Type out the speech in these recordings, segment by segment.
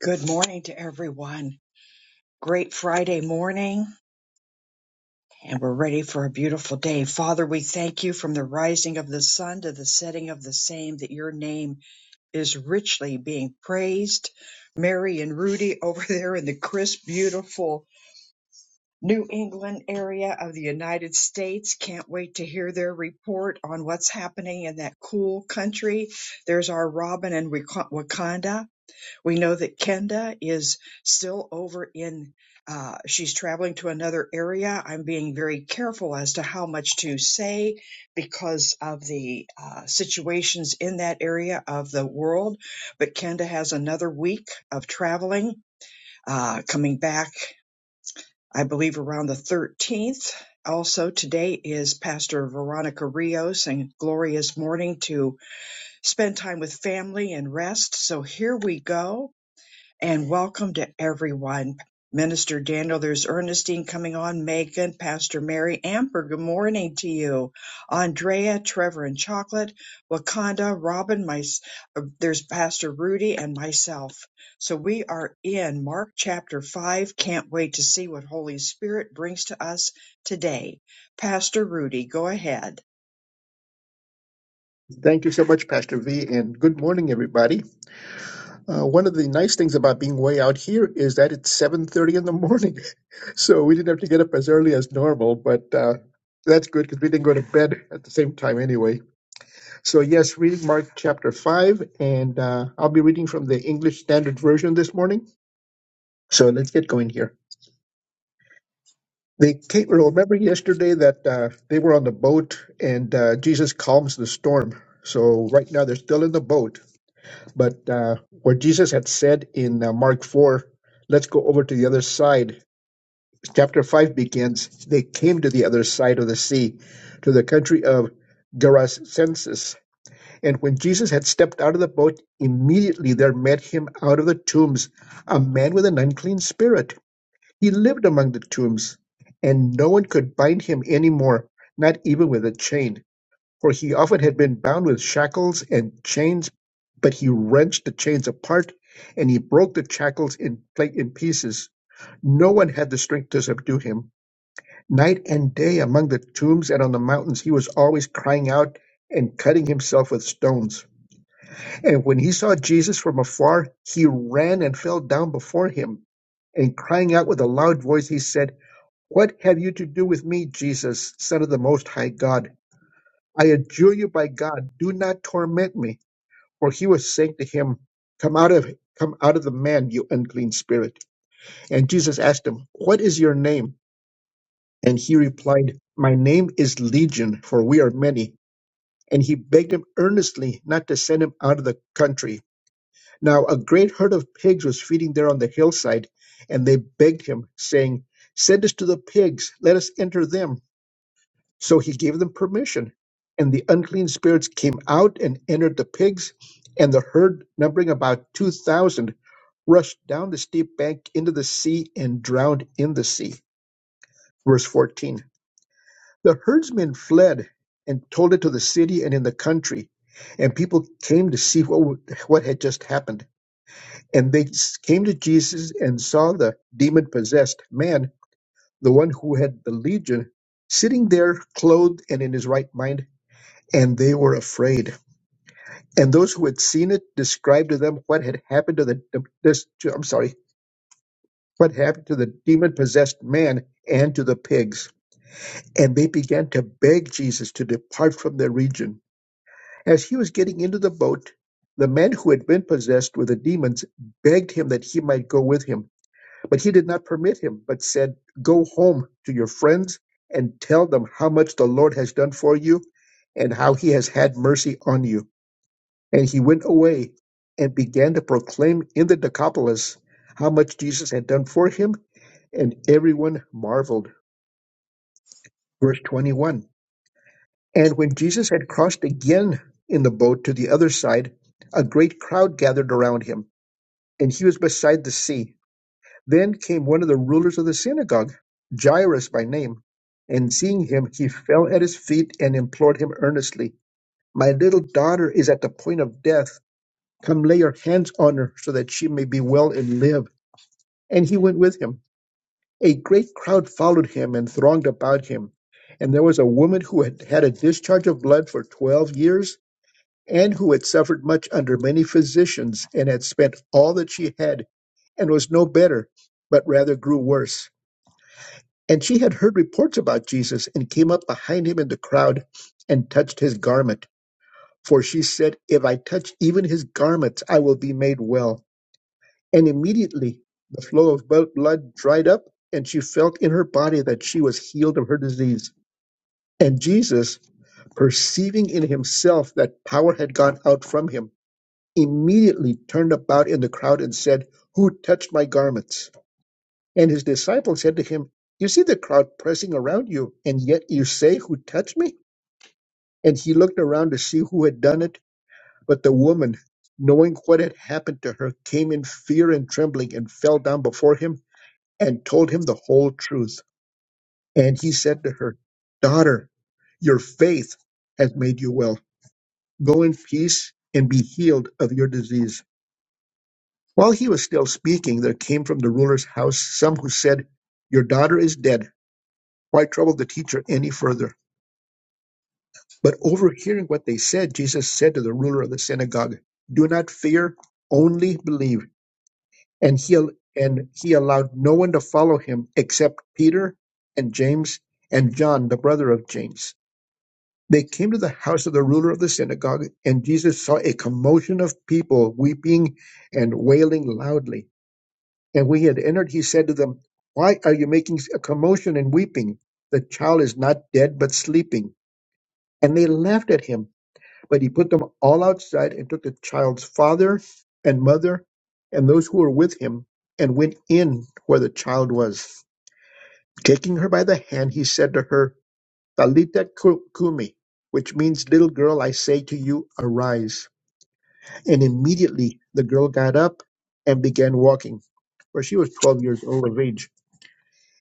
Good morning to everyone. Great Friday morning, and we're ready for a beautiful day. Father, we thank you from the rising of the sun to the setting of the same that your name is richly being praised. Mary and Rudy over there in the crisp, beautiful New England area of the United States. Can't wait to hear their report on what's happening in that cool country. There's our Robin in Wak- Wakanda We know that Kenda is still over in, uh, she's traveling to another area. I'm being very careful as to how much to say because of the uh, situations in that area of the world. But Kenda has another week of traveling, uh, coming back, I believe, around the 13th. Also, today is Pastor Veronica Rios and Gloria's morning to spend time with family and rest. So here we go and welcome to everyone. Minister Daniel, there's Ernestine coming on, Megan, Pastor Mary, Amber, good morning to you. Andrea, Trevor, and Chocolate, Wakanda, Robin, my, uh, there's Pastor Rudy, and myself. So we are in Mark chapter 5. Can't wait to see what Holy Spirit brings to us today. Pastor Rudy, go ahead. Thank you so much, Pastor V, and good morning, everybody. Uh, one of the nice things about being way out here is that it's 7.30 in the morning, so we didn't have to get up as early as normal, but uh, that's good because we didn't go to bed at the same time anyway. So yes, reading Mark chapter 5, and uh, I'll be reading from the English Standard Version this morning. So let's get going here. They came, remember yesterday that uh, they were on the boat and uh, Jesus calms the storm. So right now they're still in the boat But uh, what Jesus had said in uh, Mark 4, let's go over to the other side. Chapter 5 begins They came to the other side of the sea, to the country of Gerasenes. And when Jesus had stepped out of the boat, immediately there met him out of the tombs a man with an unclean spirit. He lived among the tombs, and no one could bind him any more, not even with a chain for he often had been bound with shackles and chains, but he wrenched the chains apart, and he broke the shackles in, pla- in pieces. No one had the strength to subdue him. Night and day among the tombs and on the mountains, he was always crying out and cutting himself with stones. And when he saw Jesus from afar, he ran and fell down before him. And crying out with a loud voice, he said, What have you to do with me, Jesus, Son of the Most High God? I adjure you by God, do not torment me. For he was saying to him, Come out of come out of the man, you unclean spirit. And Jesus asked him, What is your name? And he replied, My name is Legion, for we are many. And he begged him earnestly not to send him out of the country. Now a great herd of pigs was feeding there on the hillside, and they begged him, saying, Send us to the pigs, let us enter them. So he gave them permission. And the unclean spirits came out and entered the pigs, and the herd, numbering about 2,000, rushed down the steep bank into the sea and drowned in the sea. Verse 14. The herdsmen fled and told it to the city and in the country, and people came to see what, what had just happened. And they came to Jesus and saw the demon possessed man, the one who had the legion, sitting there clothed and in his right mind and they were afraid. And those who had seen it described to them what had happened to the this, to- I'm sorry, what happened to the demon possessed man and to the pigs. And they began to beg Jesus to depart from their region. As he was getting into the boat, the man who had been possessed with the demons begged him that he might go with him. But he did not permit him, but said, Go home to your friends and tell them how much the Lord has done for you and how he has had mercy on you And he went away and began to proclaim in the Decapolis how much Jesus had done for him, and everyone marveled. Verse 21 And when Jesus had crossed again in the boat to the other side, a great crowd gathered around him, and he was beside the sea. Then came one of the rulers of the synagogue, Jairus by name, and seeing him, he fell at his feet and implored him earnestly, My little daughter is at the point of death. Come lay your hands on her so that she may be well and live. And he went with him. A great crowd followed him and thronged about him. And there was a woman who had had a discharge of blood for twelve years, and who had suffered much under many physicians, and had spent all that she had, and was no better, but rather grew worse. And she had heard reports about Jesus, and came up behind him in the crowd, and touched his garment. For she said, If I touch even his garments, I will be made well. And immediately the flow of bu- blood dried up, and she felt in her body that she was healed of her disease. And Jesus, perceiving in himself that power had gone out from him, immediately turned about in the crowd and said, Who touched my garments? And his disciples said to him, You see the crowd pressing around you, and yet you say, 'Who touched me? And he looked around to see who had done it. But the woman, knowing what had happened to her, came in fear and trembling and fell down before him and told him the whole truth. And he said to her, Daughter, your faith has made you well. Go in peace and be healed of your disease. While he was still speaking, there came from the ruler's house some who said, Your daughter is dead. Why trouble the teacher any further? But overhearing what they said, Jesus said to the ruler of the synagogue, Do not fear, only believe. And he, al- and he allowed no one to follow him except Peter and James and John, the brother of James. They came to the house of the ruler of the synagogue, and Jesus saw a commotion of people weeping and wailing loudly. And when he had entered, he said to them, Why are you making a commotion and weeping? The child is not dead, but sleeping. And they laughed at him. But he put them all outside and took the child's father and mother and those who were with him and went in where the child was. Taking her by the hand, he said to her, Talita Cu- Kumi, which means little girl, I say to you, arise. And immediately the girl got up and began walking, for she was 12 years old of age.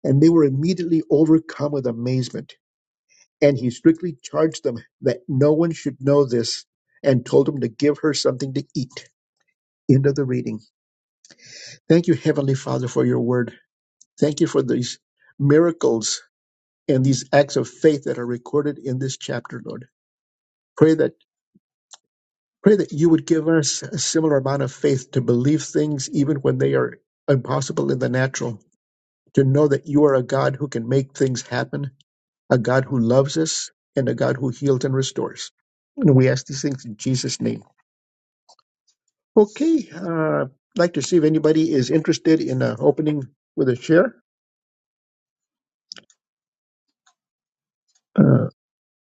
And they were immediately overcome with amazement. And he strictly charged them that no one should know this and told them to give her something to eat. End of the reading. Thank you, Heavenly Father, for your word. Thank you for these miracles and these acts of faith that are recorded in this chapter, Lord. Pray that Pray that you would give us a similar amount of faith to believe things even when they are impossible in the natural, to know that you are a God who can make things happen, a God who loves us, and a God who heals and restores. And we ask these things in Jesus' name. Okay, uh, I'd like to see if anybody is interested in uh, opening with a share. Uh,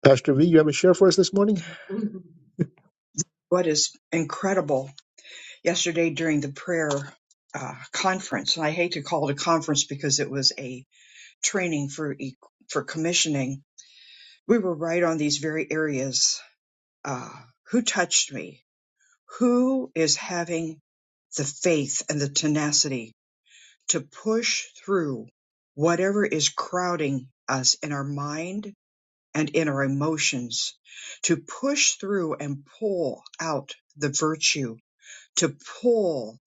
Pastor V, you have a share for us this morning? What is incredible yesterday during the prayer uh, conference. And I hate to call it a conference because it was a training for e- for commissioning. We were right on these very areas. Uh, who touched me? Who is having the faith and the tenacity to push through whatever is crowding us in our mind and in our emotions, to push through and pull out the virtue to pull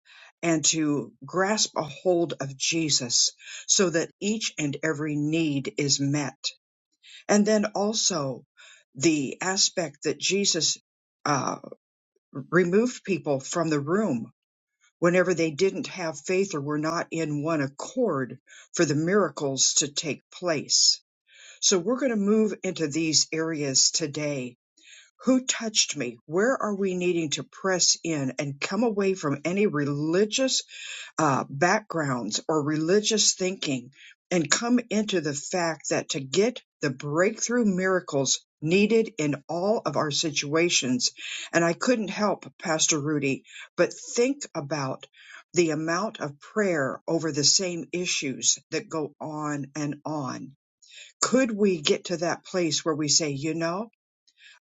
and to grasp a hold of Jesus so that each and every need is met. And then also the aspect that Jesus uh, removed people from the room whenever they didn't have faith or were not in one accord for the miracles to take place. So we're going to move into these areas today. Who touched me? Where are we needing to press in and come away from any religious uh, backgrounds or religious thinking and come into the fact that to get the breakthrough miracles needed in all of our situations, and I couldn't help, Pastor Rudy, but think about the amount of prayer over the same issues that go on and on. Could we get to that place where we say, you know,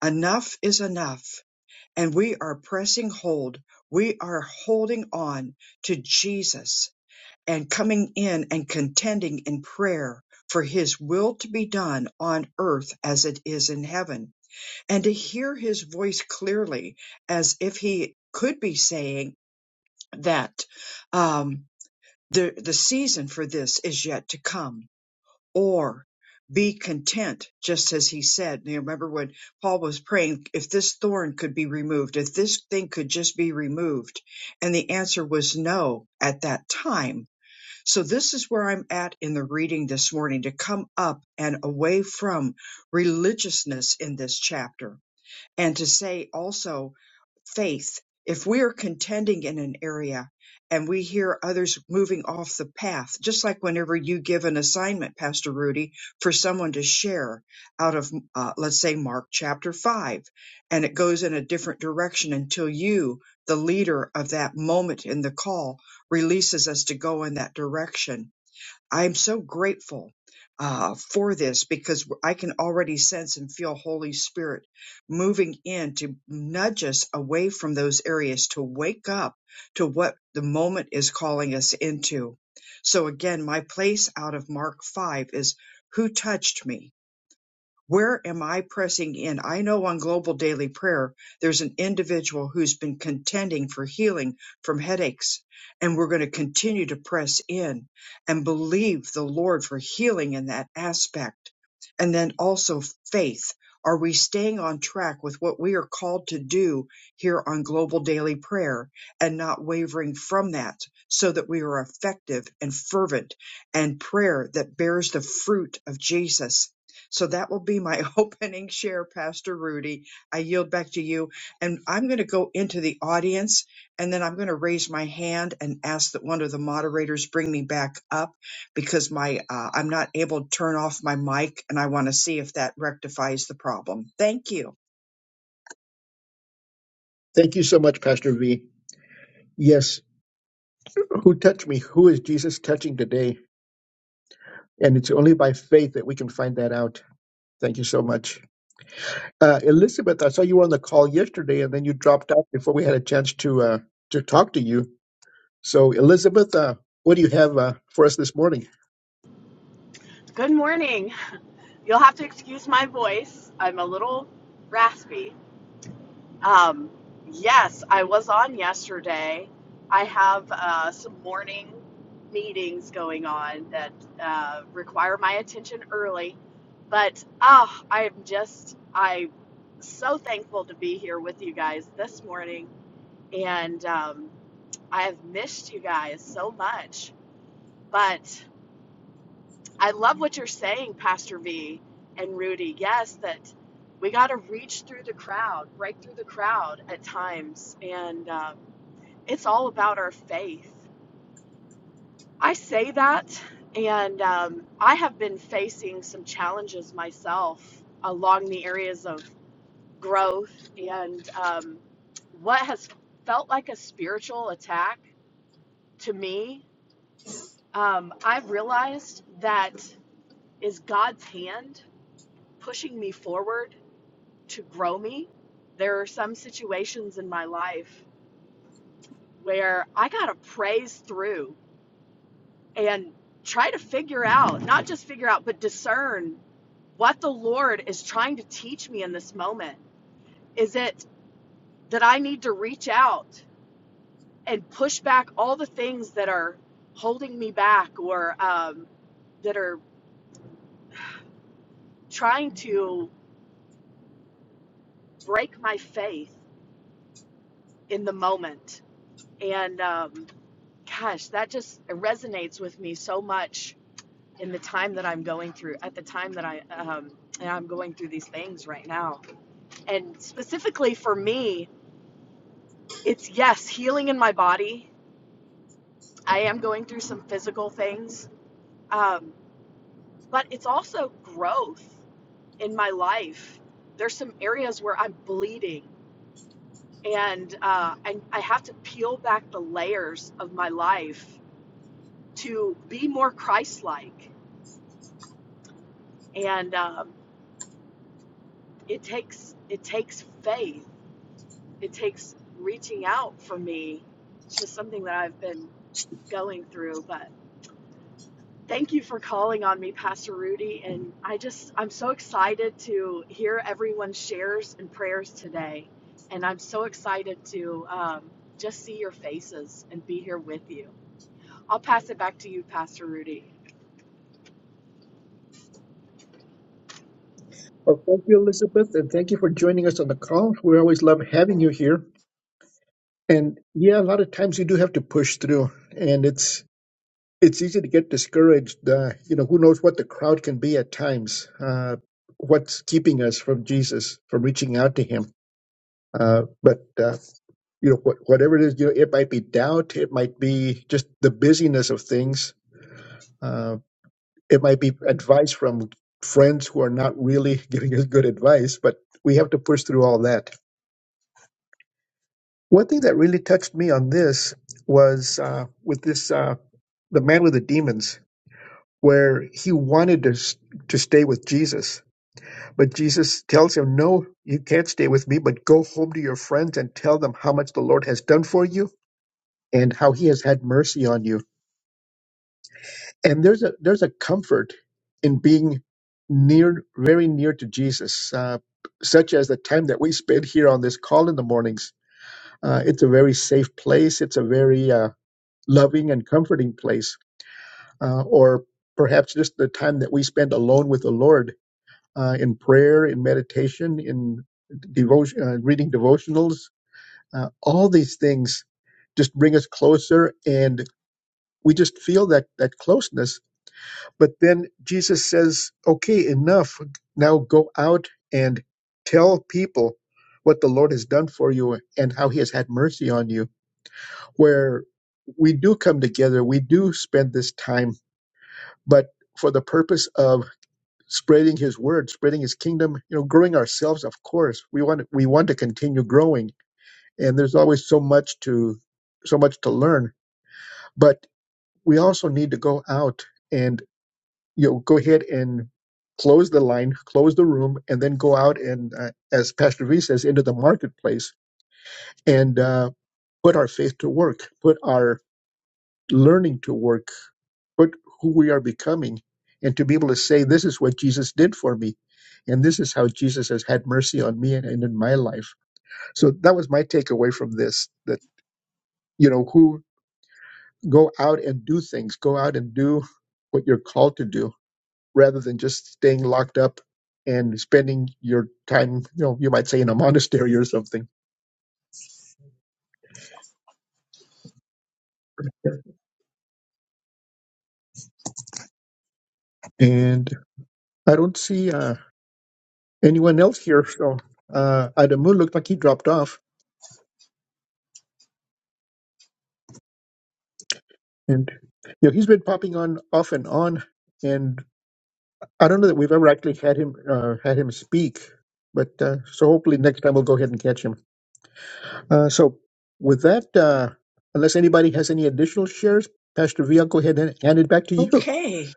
enough is enough, and we are pressing hold, we are holding on to Jesus? and coming in and contending in prayer for his will to be done on earth as it is in heaven, and to hear his voice clearly as if he could be saying that um, the, the season for this is yet to come, or be content, just as he said. You remember when Paul was praying, if this thorn could be removed, if this thing could just be removed, and the answer was no at that time so this is where I'm at in the reading this morning to come up and away from religiousness in this chapter and to say also faith. If we are contending in an area and we hear others moving off the path, just like whenever you give an assignment, Pastor Rudy, for someone to share out of, uh, let's say, Mark chapter 5, and it goes in a different direction until you, the leader of that moment in the call, releases us to go in that direction I am so grateful uh, for this because I can already sense and feel Holy Spirit moving in to nudge us away from those areas to wake up to what the moment is calling us into. So again, my place out of Mark 5 is who touched me? Where am I pressing in? I know on Global Daily Prayer, there's an individual who's been contending for healing from headaches, and we're going to continue to press in and believe the Lord for healing in that aspect. And then also faith. Are we staying on track with what we are called to do here on Global Daily Prayer and not wavering from that so that we are effective and fervent and prayer that bears the fruit of Jesus? So that will be my opening share, Pastor Rudy. I yield back to you. And I'm going to go into the audience and then I'm going to raise my hand and ask that one of the moderators bring me back up because my, uh, I'm not able to turn off my mic and I want to see if that rectifies the problem. Thank you. Thank you so much, Pastor V. Yes, who touched me? Who is Jesus touching today? And it's only by faith that we can find that out. Thank you so much. Uh, Elizabeth, I saw you were on the call yesterday and then you dropped out before we had a chance to uh, to talk to you. So, Elizabeth, uh, what do you have uh, for us this morning? Good morning. You'll have to excuse my voice. I'm a little raspy. Um, yes, I was on yesterday. I have uh, some morning meetings going on that uh, require my attention early. But ah, I'm just, I'm so thankful to be here with you guys this morning. And um, I have missed you guys so much. But. I love what you're saying, Pastor V and Rudy. Yes, that we got to reach through the crowd, break through the crowd at times. And um, it's all about our faith. I say that, and um, I have been facing some challenges myself along the areas of growth and um, what has felt like a spiritual attack to me. Um, I've realized that is God's hand pushing me forward to grow me. There are some situations in my life where I got to praise through and try to figure out, not just figure out, but discern what the Lord is trying to teach me in this moment. Is it that I need to reach out and push back all the things that are holding me back or um, that are trying to break my faith in the moment? And um, Gosh, that just resonates with me so much in the time that I'm going through, at the time that I um, and I'm going through these things right now. And specifically for me, it's yes, healing in my body. I am going through some physical things, um, but it's also growth in my life. There's some areas where I'm bleeding, and uh, and I have to peel back the layers of my life to be more Christ-like. And um, it takes it takes faith it takes reaching out for me it's just something that i've been going through but thank you for calling on me pastor rudy and i just i'm so excited to hear everyone's shares and prayers today and i'm so excited to um, just see your faces and be here with you i'll pass it back to you pastor rudy Well, thank you, Elizabeth, and thank you for joining us on the call. We always love having you here. And yeah, a lot of times you do have to push through, and it's it's easy to get discouraged. Uh, you know, who knows what the crowd can be at times? Uh, what's keeping us from Jesus, from reaching out to Him? Uh, but uh, you know, what, whatever it is, you know, it might be doubt, it might be just the busyness of things, uh, it might be advice from friends who are not really giving us good advice. But we have to push through all that. One thing that really touched me on this was uh, with this uh, the man with the demons, where he wanted to s- to stay with Jesus, but Jesus tells him, "No, you can't stay with me. But go home to your friends and tell them how much the Lord has done for you." and how he has had mercy on you. And there's a there's a comfort in being near, very near to Jesus, uh, such as the time that we spend here on this call in the mornings. Uh, it's a very safe place. It's a very uh, loving and comforting place. Uh, or perhaps just the time that we spend alone with the Lord uh, in prayer, in meditation, in devotion, uh, reading devotionals. Uh, all these things just bring us closer, and we just feel that that closeness But then Jesus says, okay, enough. Now go out and tell people what the Lord has done for you and how he has had mercy on you. Where we do come together, we do spend this time, but for the purpose of spreading his word, spreading his kingdom, you know, growing ourselves, of course. We want we want to continue growing. And there's always so much to so much to learn. But we also need to go out and. you know go ahead and close the line close the room and then go out and uh, as pastor v says into the marketplace and uh, put our faith to work put our learning to work put who we are becoming and to be able to say this is what jesus did for me and this is how jesus has had mercy on me and, and in my life so that was my takeaway from this that you know who go out and do things go out and do what you're called to do rather than just staying locked up and spending your time, you know, you might say in a monastery or something. And I don't see uh, anyone else here. So uh, Adamu looked like he dropped off, and you know he's been popping on off and on, and I don't know that we've ever actually had him uh, had him speak. But uh, so hopefully next time we'll go ahead and catch him. Uh, so with that, uh, unless anybody has any additional shares, Pastor V, I'll go ahead and hand it back to you. We Okay.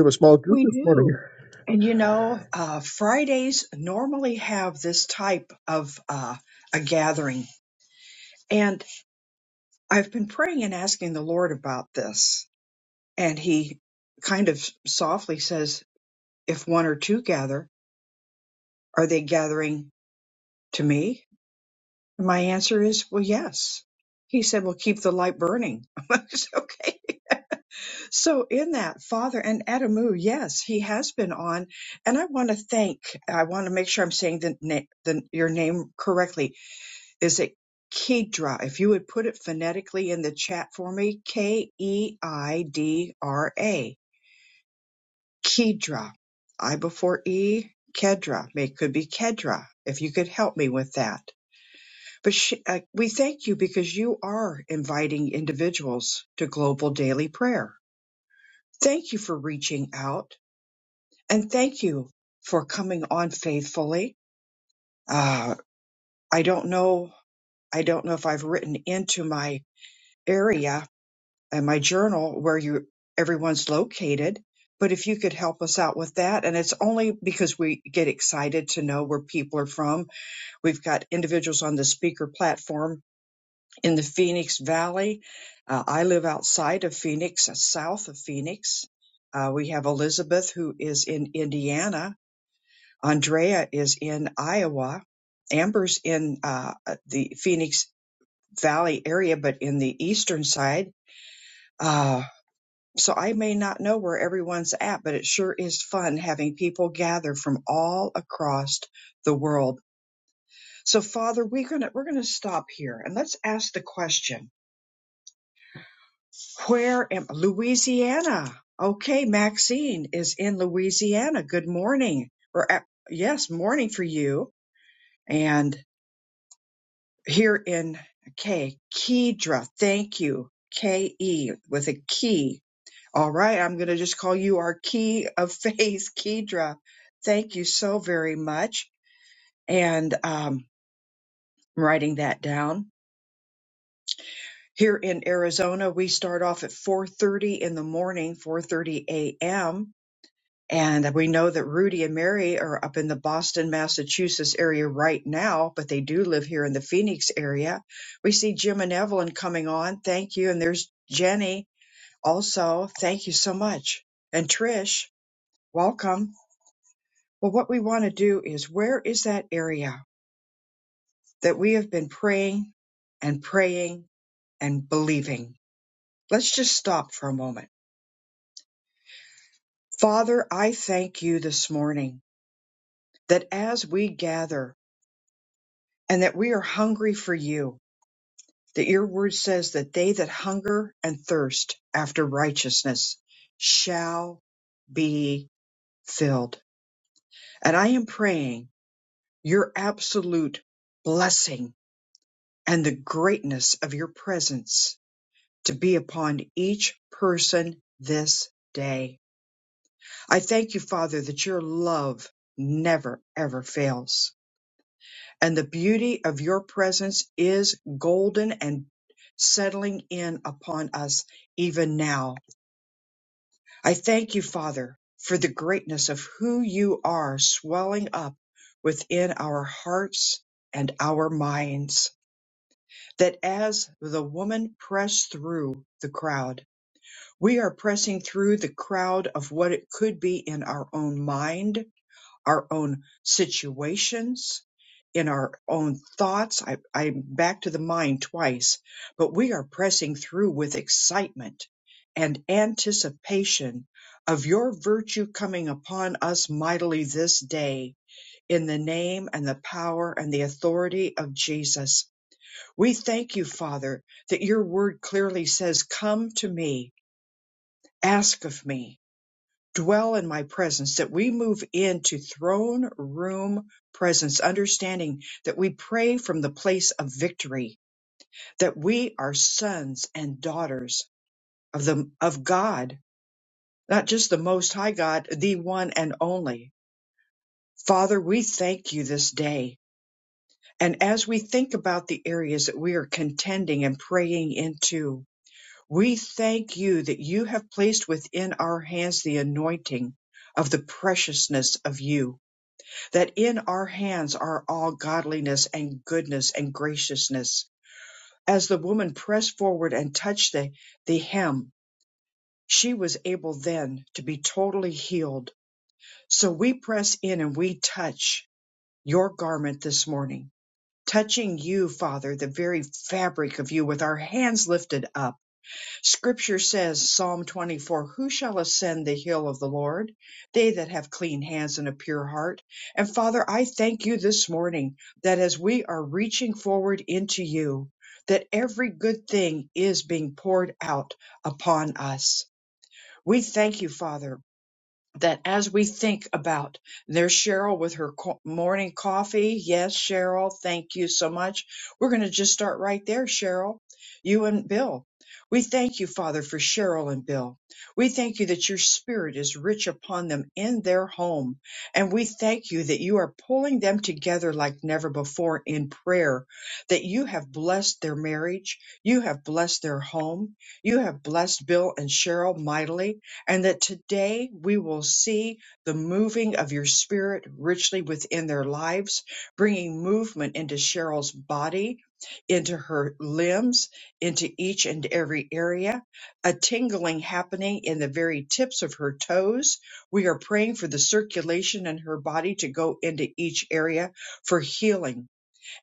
have a small group We this morning. do. And you know, uh, Fridays normally have this type of, uh, a gathering and I've been praying and asking the Lord about this and he kind of softly says, If one or two gather, are they gathering to me? And my answer is, Well, yes. He said, Well, keep the light burning. I was, okay. So, in that, Father and Adamu, yes, he has been on. And I want to thank, I want to make sure I'm saying the, na- the your name correctly. Is it Kedra? If you would put it phonetically in the chat for me, K E I D R A Kedra. I before E. Kedra. It could be Kedra, if you could help me with that. But sh uh, we thank you because you are inviting individuals to global daily prayer. Thank you for reaching out and thank you for coming on faithfully. Uh, I don't know. I don't know if I've written into my area and my journal where you everyone's located. But if you could help us out with that, and it's only because we get excited to know where people are from. We've got individuals on the speaker platform in the Phoenix Valley. Uh, I live outside of Phoenix, uh, south of Phoenix. Uh, we have Elizabeth who is in Indiana. Andrea is in Iowa. Amber's in uh, uh, the Phoenix Valley area, but in the eastern side. Uh, So I may not know where everyone's at, but it sure is fun having people gather from all across the world. So Father, we're gonna we're gonna stop here and let's ask the question: Where am Louisiana? Okay, Maxine is in Louisiana. Good morning, or uh, yes, morning for you. And here in K, Kedra, thank you, K E with a key All right, I'm going to just call you our key of faith, Kedra. Thank you so very much. And um, I'm writing that down. Here in Arizona, we start off at 4:30 in the morning, 4:30 a.m. And we know that Rudy and Mary are up in the Boston, Massachusetts area right now, but they do live here in the Phoenix area. We see Jim and Evelyn coming on. Thank you. And there's Jenny also. Thank you so much. And Trish, welcome. Well, what we want to do is where is that area that we have been praying and praying and believing? Let's just stop for a moment. Father, I thank you this morning that as we gather and that we are hungry for you, that your word says that they that hunger and thirst after righteousness shall be filled. And I am praying your absolute blessing and the greatness of your presence to be upon each person this day. I thank you, Father, that your love never ever fails. And the beauty of your presence is golden and settling in upon us even now. I thank you, Father, for the greatness of who you are swelling up within our hearts and our minds. That as the woman pressed through the crowd, We are pressing through the crowd of what it could be in our own mind, our own situations, in our own thoughts. I, I'm back to the mind twice, but we are pressing through with excitement and anticipation of your virtue coming upon us mightily this day in the name and the power and the authority of Jesus. We thank you, Father, that your word clearly says, Come to me, ask of me dwell in my presence, that we move into throne room presence, understanding that we pray from the place of victory, that we are sons and daughters of the, of God, not just the most high God, the one and only. Father, we thank you this day. And as we think about the areas that we are contending and praying into, we thank you that you have placed within our hands the anointing of the preciousness of you that in our hands are all godliness and goodness and graciousness. As the woman pressed forward and touched the, the hem, she was able then to be totally healed. So we press in and we touch your garment this morning, touching you, Father, the very fabric of you with our hands lifted up Scripture says, Psalm 24, Who shall ascend the hill of the Lord? They that have clean hands and a pure heart. And Father, I thank you this morning that as we are reaching forward into you, that every good thing is being poured out upon us. We thank you, Father, that as we think about there's Cheryl with her co- morning coffee. Yes, Cheryl, thank you so much. We're going to just start right there, Cheryl, you and Bill. We thank you, Father, for Cheryl and Bill. We thank you that your spirit is rich upon them in their home. And we thank you that you are pulling them together like never before in prayer, that you have blessed their marriage. You have blessed their home. You have blessed Bill and Cheryl mightily and that today we will see the moving of your spirit richly within their lives, bringing movement into Cheryl's body, into her limbs, into each and every area, a tingling happening in the very tips of her toes. We are praying for the circulation in her body to go into each area for healing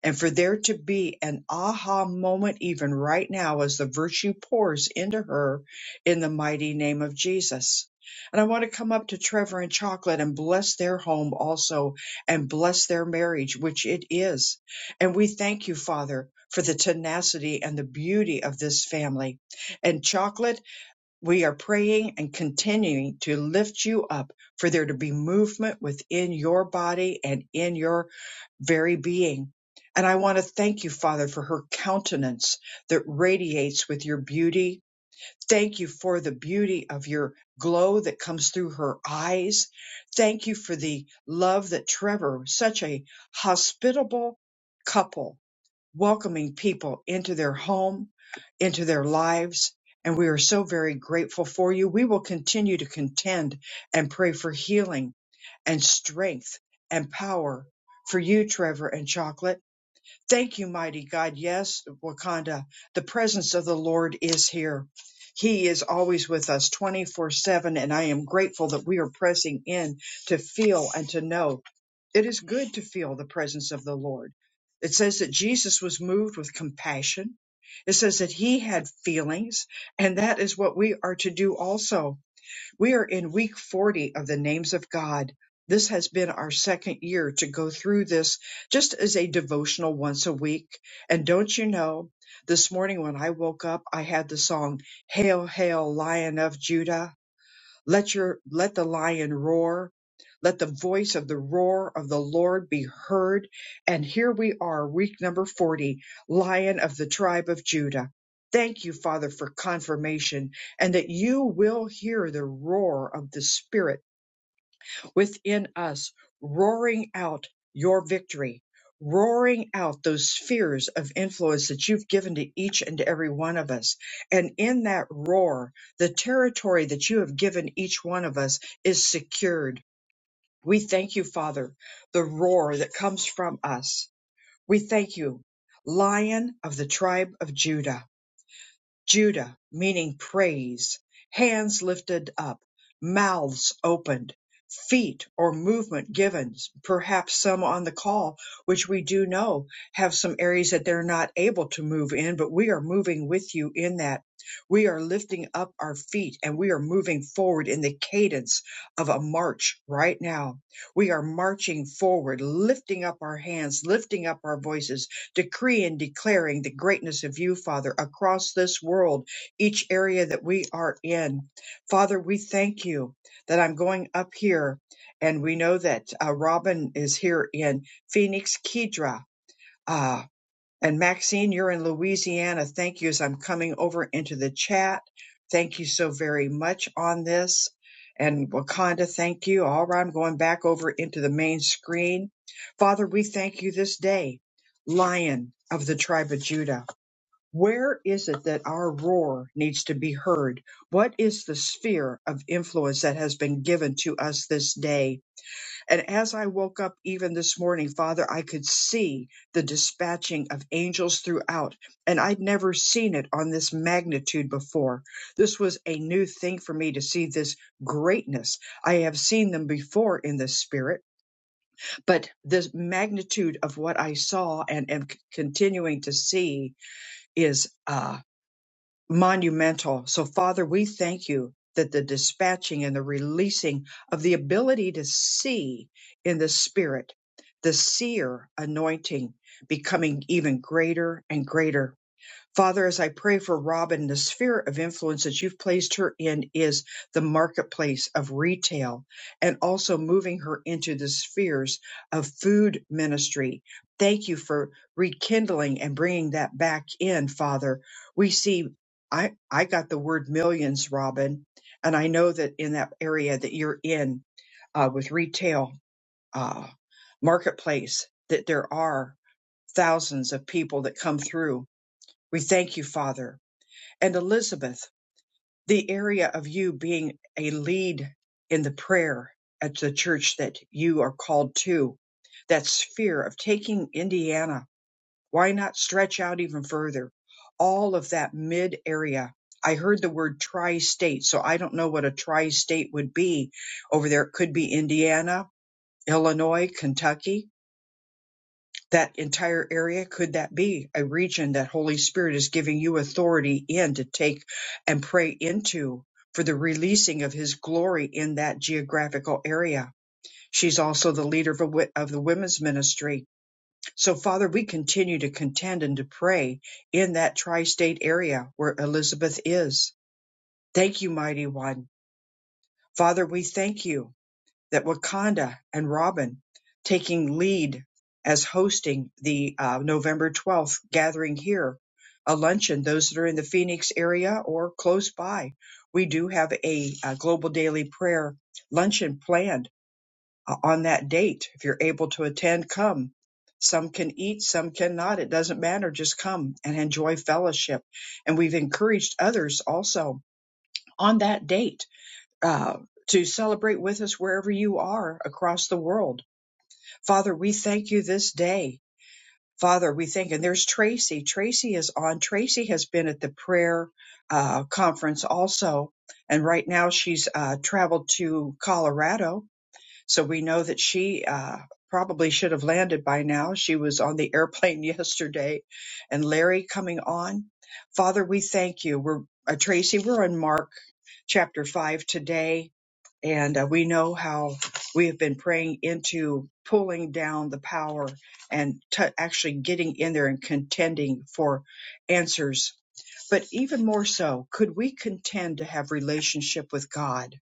and for there to be an aha moment even right now as the virtue pours into her in the mighty name of Jesus. And I want to come up to Trevor and Chocolate and bless their home also and bless their marriage, which it is. And we thank you, Father, for the tenacity and the beauty of this family. And Chocolate. We are praying and continuing to lift you up for there to be movement within your body and in your very being. And I want to thank you, Father, for her countenance that radiates with your beauty. Thank you for the beauty of your glow that comes through her eyes. Thank you for the love that Trevor, such a hospitable couple, welcoming people into their home, into their lives. And we are so very grateful for you. We will continue to contend and pray for healing and strength and power for you, Trevor and Chocolate Thank you, mighty God. Yes, Wakanda, the presence of the Lord is here. He is always with us 24 7, and I am grateful that we are pressing in to feel and to know. It is good to feel the presence of the Lord. It says that Jesus was moved with compassion. It says that he had feelings, and that is what we are to do also we are in week 40 of the names of God. This has been our second year to go through this just as a devotional once a week. And don't you know, this morning when I woke up, I had the song, Hail, Hail, Lion of Judah let your, let the lion roar. Let the voice of the roar of the Lord be heard. And here we are, week number 40, Lion of the tribe of Judah. Thank you, Father, for confirmation and that you will hear the roar of the Spirit within us, roaring out your victory, roaring out those spheres of influence that you've given to each and every one of us. And in that roar, the territory that you have given each one of us is secured. We thank you, Father, the roar that comes from us. We thank you, Lion of the tribe of Judah. Judah, meaning praise, hands lifted up, mouths opened, feet or movement given. Perhaps some on the call, which we do know have some areas that they're not able to move in, but we are moving with you in that. We are lifting up our feet and we are moving forward in the cadence of a march right now. We are marching forward, lifting up our hands, lifting up our voices, decree and declaring the greatness of you, Father, across this world, each area that we are in. Father, we thank you that I'm going up here, and we know that uh, Robin is here in Phoenix, Kedra. Uh, and Maxine, you're in Louisiana. Thank you as I'm coming over into the chat. Thank you so very much on this. And Wakanda, thank you. All right, I'm going back over into the main screen. Father, we thank you this day, Lion of the tribe of Judah. Where is it that our roar needs to be heard? What is the sphere of influence that has been given to us this day? And as I woke up even this morning, Father, I could see the dispatching of angels throughout. And I'd never seen it on this magnitude before. This was a new thing for me to see this greatness. I have seen them before in the spirit, but this magnitude of what I saw and am c- continuing to see is uh, monumental. So, Father, we thank you that the dispatching and the releasing of the ability to see in the Spirit, the seer anointing becoming even greater and greater. Father, as I pray for Robin, the sphere of influence that you've placed her in is the marketplace of retail and also moving her into the spheres of food ministry. Thank you for rekindling and bringing that back in, Father. We see, I, I got the word millions, Robin, and I know that in that area that you're in uh, with retail uh, marketplace, that there are thousands of people that come through. We thank you, Father and Elizabeth, the area of you being a lead in the prayer at the church that you are called to, that sphere of taking Indiana. Why not stretch out even further? All of that mid area. I heard the word tri state, so I don't know what a tri state would be over there. It could be Indiana, Illinois, Kentucky that entire area? Could that be a region that Holy Spirit is giving you authority in to take and pray into for the releasing of His glory in that geographical area? She's also the leader of, a, wi- of the women's ministry. So, Father, we continue to contend and to pray in that tri state area where Elizabeth is. Thank you, Mighty One. Father, we thank you that Wakanda and Robin taking lead as hosting the uh, November 12th gathering here, a luncheon, those that are in the Phoenix area or close by. We do have a, uh global daily prayer luncheon planned uh, on that date. If you're able to attend, come. Some can eat, some cannot. It doesn't matter. Just come and enjoy fellowship. And we've encouraged others also on that date uh, to celebrate with us wherever you are across the world. Father, we thank you this day. Father, we thank, and there's Tracy. Tracy is on. Tracy has been at the prayer uh, conference also, and right now she's uh, traveled to Colorado. So we know that she uh, probably should have landed by now. She was on the airplane yesterday, and Larry coming on. Father, we thank you. We're uh, Tracy. We're on Mark chapter five today, and uh, we know how we have been praying into pulling down the power and t- actually getting in there and contending for answers. But even more so, could we contend to have relationship with God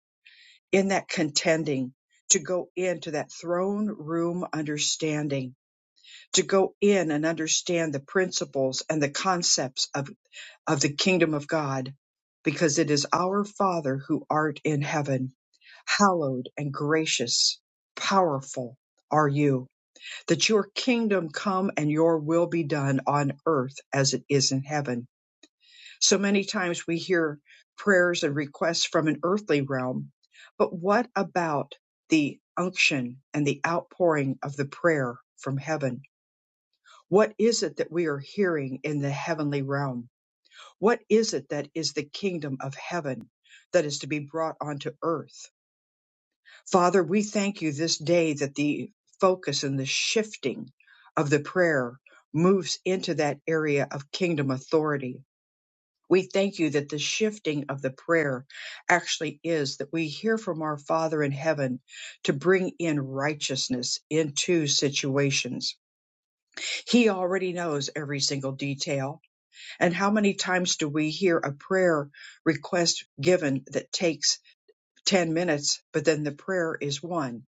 in that contending? To go into that throne room understanding, to go in and understand the principles and the concepts of, of the kingdom of God, because it is our Father who art in heaven Hallowed and gracious, powerful are you, that your kingdom come and your will be done on earth as it is in heaven. So many times we hear prayers and requests from an earthly realm, but what about the unction and the outpouring of the prayer from heaven? What is it that we are hearing in the heavenly realm? What is it that is the kingdom of heaven that is to be brought onto earth? Father, we thank you this day that the focus and the shifting of the prayer moves into that area of kingdom authority. We thank you that the shifting of the prayer actually is that we hear from our Father in heaven to bring in righteousness into situations. He already knows every single detail. And how many times do we hear a prayer request given that takes 10 minutes, but then the prayer is one?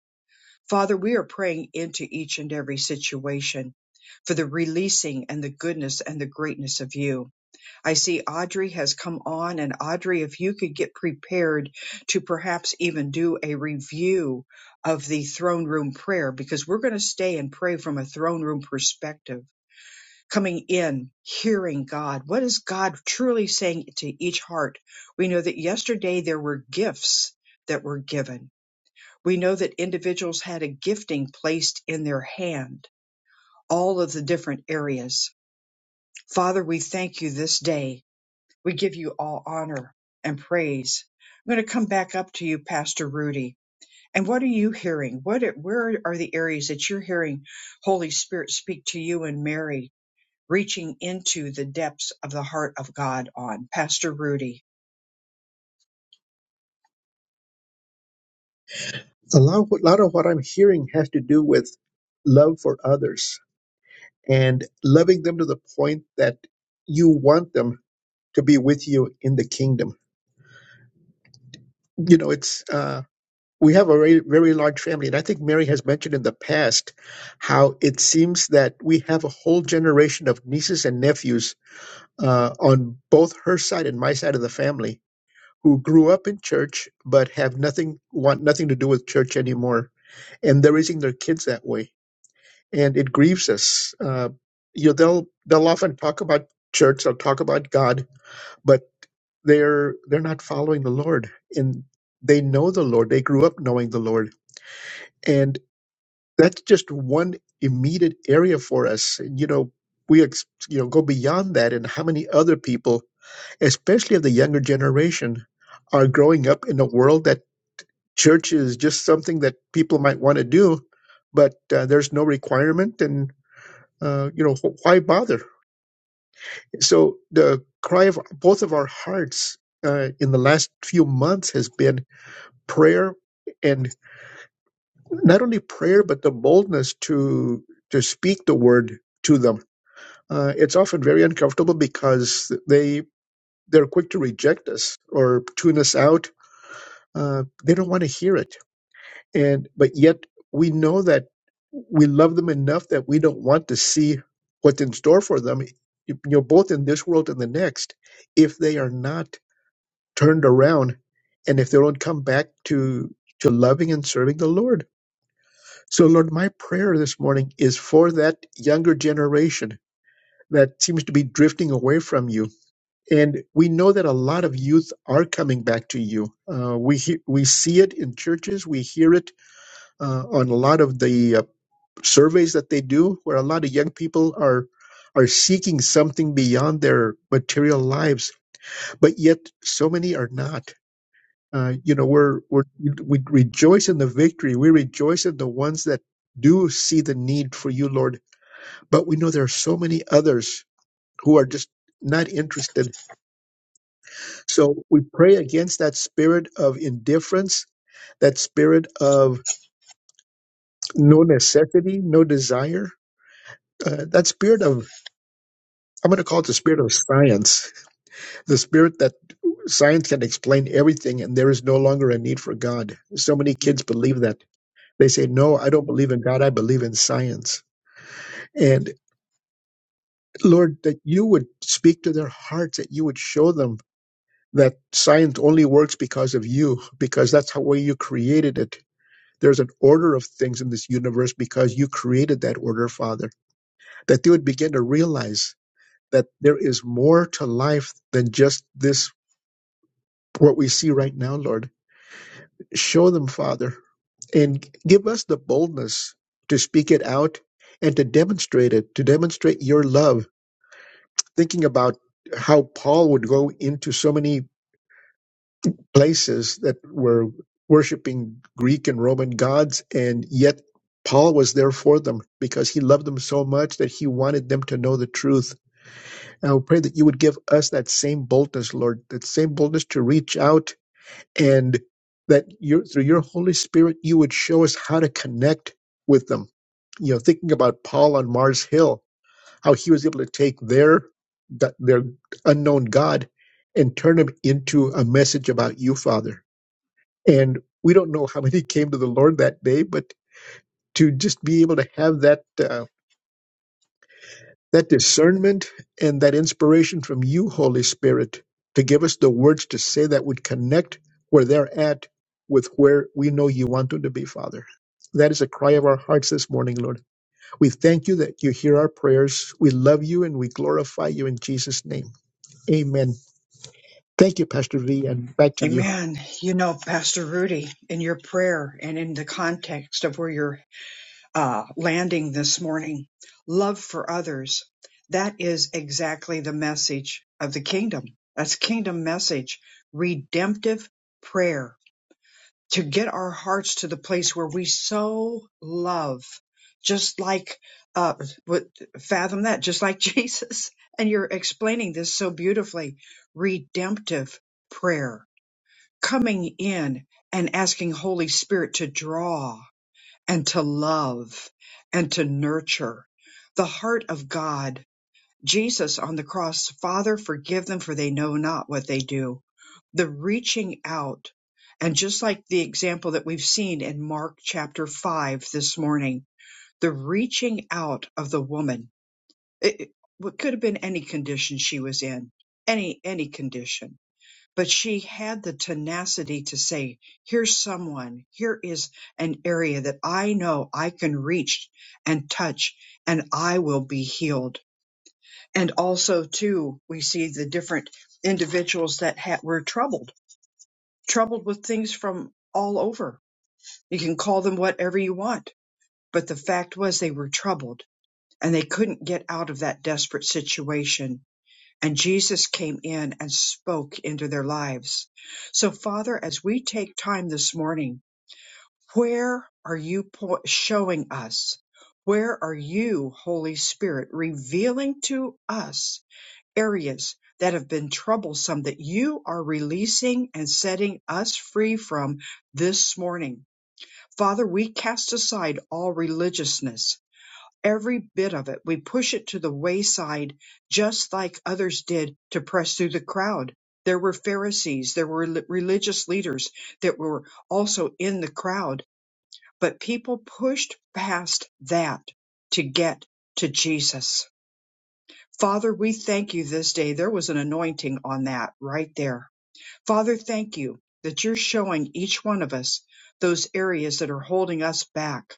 Father, we are praying into each and every situation for the releasing and the goodness and the greatness of you. I see Audrey has come on, and Audrey, if you could get prepared to perhaps even do a review of the throne room prayer, because we're going to stay and pray from a throne room perspective, coming in, hearing God. What is God truly saying to each heart? We know that yesterday there were gifts that were given we know that individuals had a gifting placed in their hand, all of the different areas. Father, we thank you this day. We give you all honor and praise. I'm going to come back up to you, Pastor Rudy. And what are you hearing? What where are the areas that you're hearing Holy Spirit speak to you and Mary, reaching into the depths of the heart of God on? Pastor Rudy. a lot, a lot of what I'm hearing has to do with love for others and loving them to the point that you want them to be with you in the kingdom. You know, it's uh, we have a very, very large family, and I think Mary has mentioned in the past how it seems that we have a whole generation of nieces and nephews uh, on both her side and my side of the family who grew up in church but have nothing want nothing to do with church anymore, and they're raising their kids that way and it grieves us. Uh, you know, they'll they'll often talk about church, they'll talk about God, but they're they're not following the Lord, and they know the Lord. They grew up knowing the Lord, and that's just one immediate area for us. And, you know, we ex- you know go beyond that, and how many other people, especially of the younger generation, are growing up in a world that church is just something that people might want to do, but uh, there's no requirement and uh, you know, wh- why bother? So the cry of both of our hearts uh, in the last few months has been prayer, and not only prayer, but the boldness to to speak the word to them. Uh, it's often very uncomfortable because they they're quick to reject us or tune us out. Uh, they don't want to hear it, and but yet we know that we love them enough that we don't want to see what's in store for them, you know, both in this world and the next, if they are not turned around and if they don't come back to to loving and serving the lord so lord my prayer this morning is for that younger generation that seems to be drifting away from you and we know that a lot of youth are coming back to you uh, we he- we see it in churches we hear it uh, on a lot of the uh, surveys that they do where a lot of young people are are seeking something beyond their material lives but yet so many are not Uh, you know, we're, we're, we rejoice in the victory. We rejoice in the ones that do see the need for you, Lord. But we know there are so many others who are just not interested. So we pray against that spirit of indifference, that spirit of no necessity, no desire, uh, that spirit of, I'm going to call it the spirit of science, the spirit that science can explain everything and there is no longer a need for God. So many kids believe that They say, No, I don't believe in God. I believe in science. And Lord, that you would speak to their hearts, that you would show them that science only works because of you, because that's how way you created it. There's an order of things in this universe because you created that order, Father. That they would begin to realize that there is more to life than just this, what we see right now, Lord. Show them, Father, and give us the boldness to speak it out and to demonstrate it, to demonstrate your love thinking about how Paul would go into so many places that were worshiping Greek and Roman gods, and yet Paul was there for them because he loved them so much that he wanted them to know the truth. And I would pray that you would give us that same boldness, Lord, that same boldness to reach out and that you through your Holy Spirit, you would show us how to connect with them. You know, thinking about Paul on Mars Hill, how he was able to take their their unknown God and turn him into a message about you, Father. And we don't know how many came to the Lord that day, but to just be able to have that uh, that discernment and that inspiration from you, Holy Spirit, to give us the words to say that would connect where they're at with where we know you want them to be, Father. That is a cry of our hearts this morning, Lord. We thank you that you hear our prayers. We love you and we glorify you in Jesus' name. Amen. Thank you, Pastor V, and back to you. Amen. You know, Pastor Rudy, in your prayer and in the context of where you're uh, landing this morning. Love for others. That is exactly the message of the kingdom. That's kingdom message. Redemptive prayer to get our hearts to the place where we so love, just like, uh, what, fathom that, just like Jesus. And you're explaining this so beautifully. Redemptive prayer coming in and asking Holy Spirit to draw and to love and to nurture the heart of God. Jesus on the cross, Father, forgive them for they know not what they do. The reaching out. And just like the example that we've seen in Mark chapter five this morning, the reaching out of the woman, it, it what could have been any condition she was in, any, any condition but she had the tenacity to say, here's someone, here is an area that I know I can reach and touch and I will be healed. And also too, we see the different individuals that ha- were troubled, troubled with things from all over. You can call them whatever you want, but the fact was they were troubled and they couldn't get out of that desperate situation and Jesus came in and spoke into their lives. So, Father, as we take time this morning, where are you po- showing us? Where are you, Holy Spirit, revealing to us areas that have been troublesome that you are releasing and setting us free from this morning? Father, we cast aside all religiousness every bit of it. We push it to the wayside, just like others did to press through the crowd. There were Pharisees, there were li- religious leaders that were also in the crowd, but people pushed past that to get to Jesus. Father, we thank you this day. There was an anointing on that right there. Father, thank you that you're showing each one of us those areas that are holding us back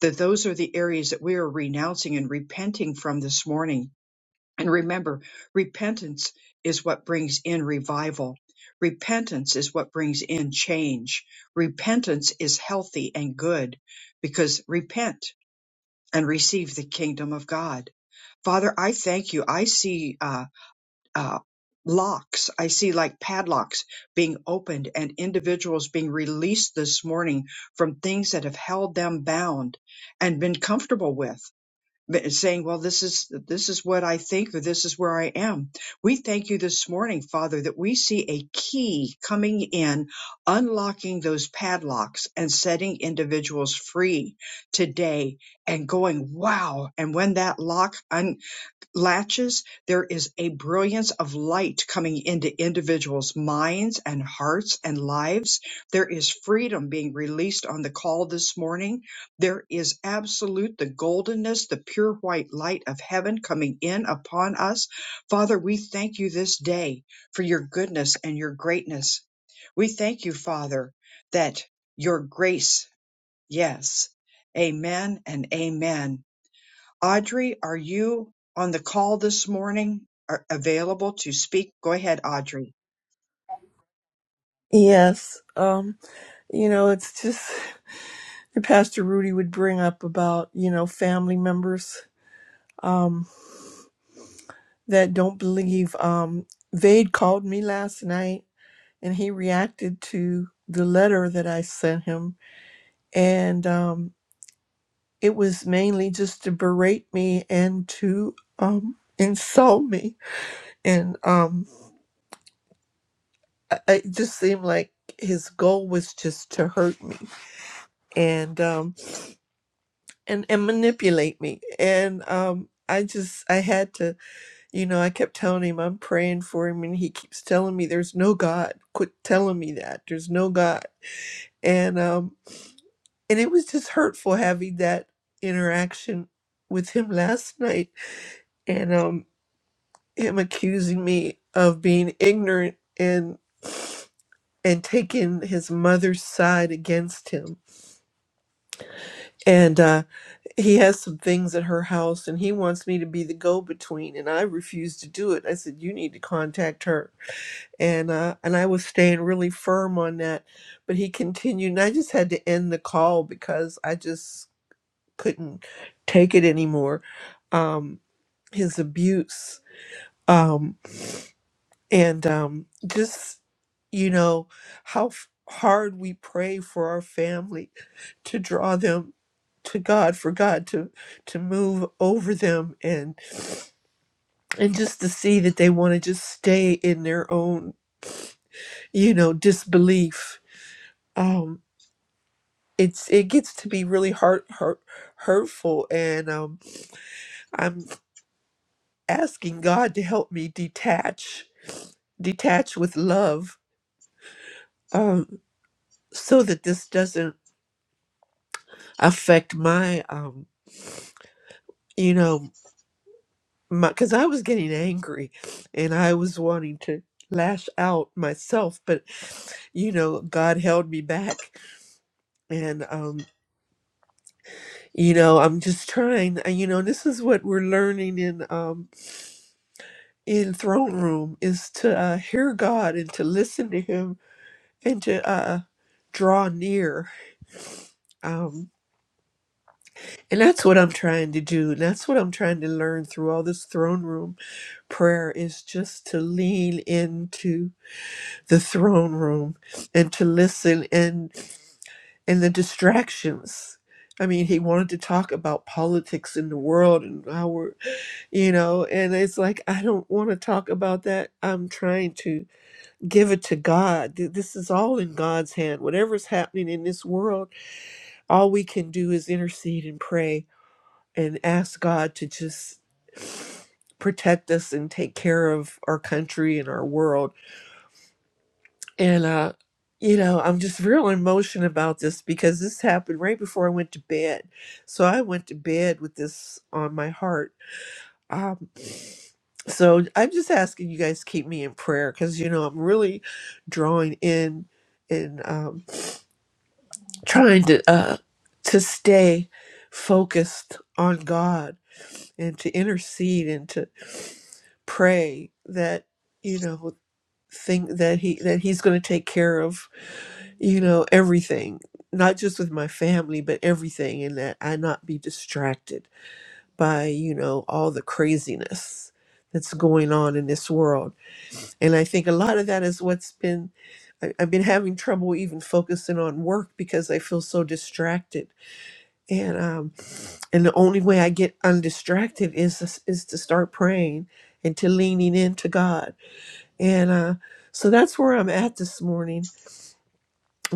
that those are the areas that we are renouncing and repenting from this morning. And remember, repentance is what brings in revival. Repentance is what brings in change. Repentance is healthy and good because repent and receive the kingdom of God. Father, I thank you. I see uh, uh, locks, I see like padlocks being opened and individuals being released this morning from things that have held them bound and been comfortable with that- saying, well, this is, this is what I think, or this is where I am. We thank you this morning, Father, that we see a key coming in, unlocking those padlocks and setting individuals free today and going, wow. And when that lock un- latches, there is a brilliance of light coming into individuals' minds and hearts and lives. There is freedom being released on the call this morning. There is absolute the goldenness, the pure white light of heaven coming in upon us. Father, we thank you this day for your goodness and your greatness. We thank you, Father, that your grace, yes. Amen and amen. Audrey, are you on the call this morning? Are available to speak? Go ahead, Audrey. Yes. Um, you know, it's just Pastor Rudy would bring up about, you know, family members um that don't believe. Um Vade called me last night and he reacted to the letter that I sent him and um it was mainly just to berate me and to um insult me and um I- I- it just seemed like his goal was just to hurt me and um and and manipulate me and um i just i had to you know i kept telling him i'm praying for him and he keeps telling me there's no god quit telling me that there's no god and um and it was just hurtful having that interaction with him last night and um him accusing me of being ignorant and and taking his mother's side against him and. uh he has some things at her house and he wants me to be the go-between and i refused to do it i said you need to contact her and uh and i was staying really firm on that but he continued and i just had to end the call because i just couldn't take it anymore um his abuse Um and um, just you know how f- hard we pray for our family to draw them to God for God to to move over them and and just to see that they want to just stay in their own you know disbelief um it's it gets to be really hurt hurt hurtful and um I'm asking God to help me detach detach with love um so that this doesn't affect my um you know my because i was getting angry and i was wanting to lash out myself but you know god held me back and um you know i'm just trying uh, you know this is what we're learning in um in throne room is to uh, hear god and to listen to him and to uh draw near um and that's what i'm trying to do that's what i'm trying to learn through all this throne room prayer is just to lean into the throne room and to listen and and the distractions i mean he wanted to talk about politics in the world and how we're you know and it's like i don't want to talk about that i'm trying to give it to god Th- this is all in god's hand whatever's happening in this world all we can do is intercede and pray and ask god to just protect us and take care of our country and our world And uh, you know, I'm just real in emotion about this because this happened right before I went to bed. So I went to bed with this on my heart. Um, so I'm just asking you guys to keep me in prayer because you know I'm really drawing in and um, trying to uh, to stay focused on God and to intercede and to pray that you know thing that he that he's going to take care of you know, everything, not just with my family, but everything, and that I not be distracted by, you know, all the craziness that's going on in this world. And I think a lot of that is what's been, I, I've been having trouble even focusing on work because I feel so distracted. And, um, and the only way I get undistracted is, is to start praying and to leaning into God. And, uh, so that's where I'm at this morning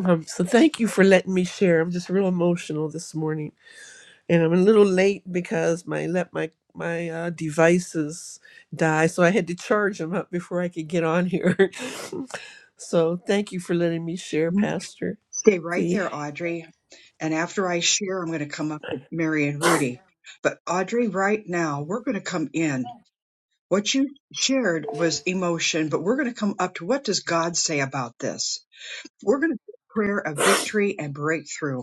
Um, so thank you for letting me share. I'm just real emotional this morning, and I'm a little late because my let my my uh, devices die, so I had to charge them up before I could get on here. so thank you for letting me share, You Pastor Stay right V. there, Audrey. And after I share, I'm going to come up with Mary and Rudy. But Audrey, right now, we're going to come in. What you shared was emotion, but we're going to come up to what does God say about this? We're going to prayer of victory and breakthrough.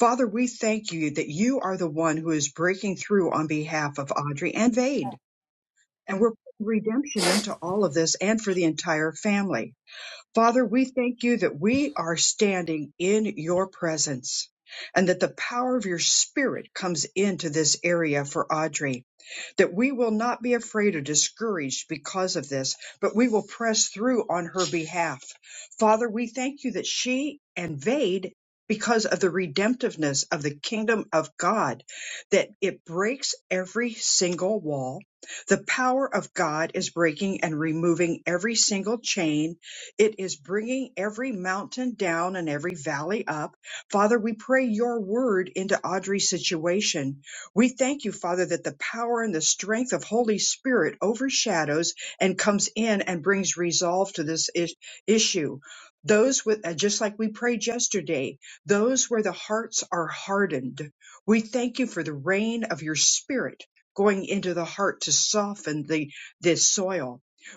Father, we thank you that you are the one who is breaking through on behalf of Audrey and Vade. And we're putting redemption into all of this and for the entire family. Father, we thank you that we are standing in your presence and that the power of your spirit comes into this area for Audrey, that we will not be afraid or discouraged because of this, but we will press through on her behalf. Father, we thank you that she and Vade because of the redemptiveness of the kingdom of God, that it breaks every single wall. The power of God is breaking and removing every single chain it is bringing every mountain down and every valley up. Father, we pray your word into Audrey's situation. We thank you, Father, that the power and the strength of Holy Spirit overshadows and comes in and brings resolve to this is- issue. Those with, uh, just like we prayed yesterday, those where the hearts are hardened. We thank you for the rain of your spirit going into the heart to soften the, this soil.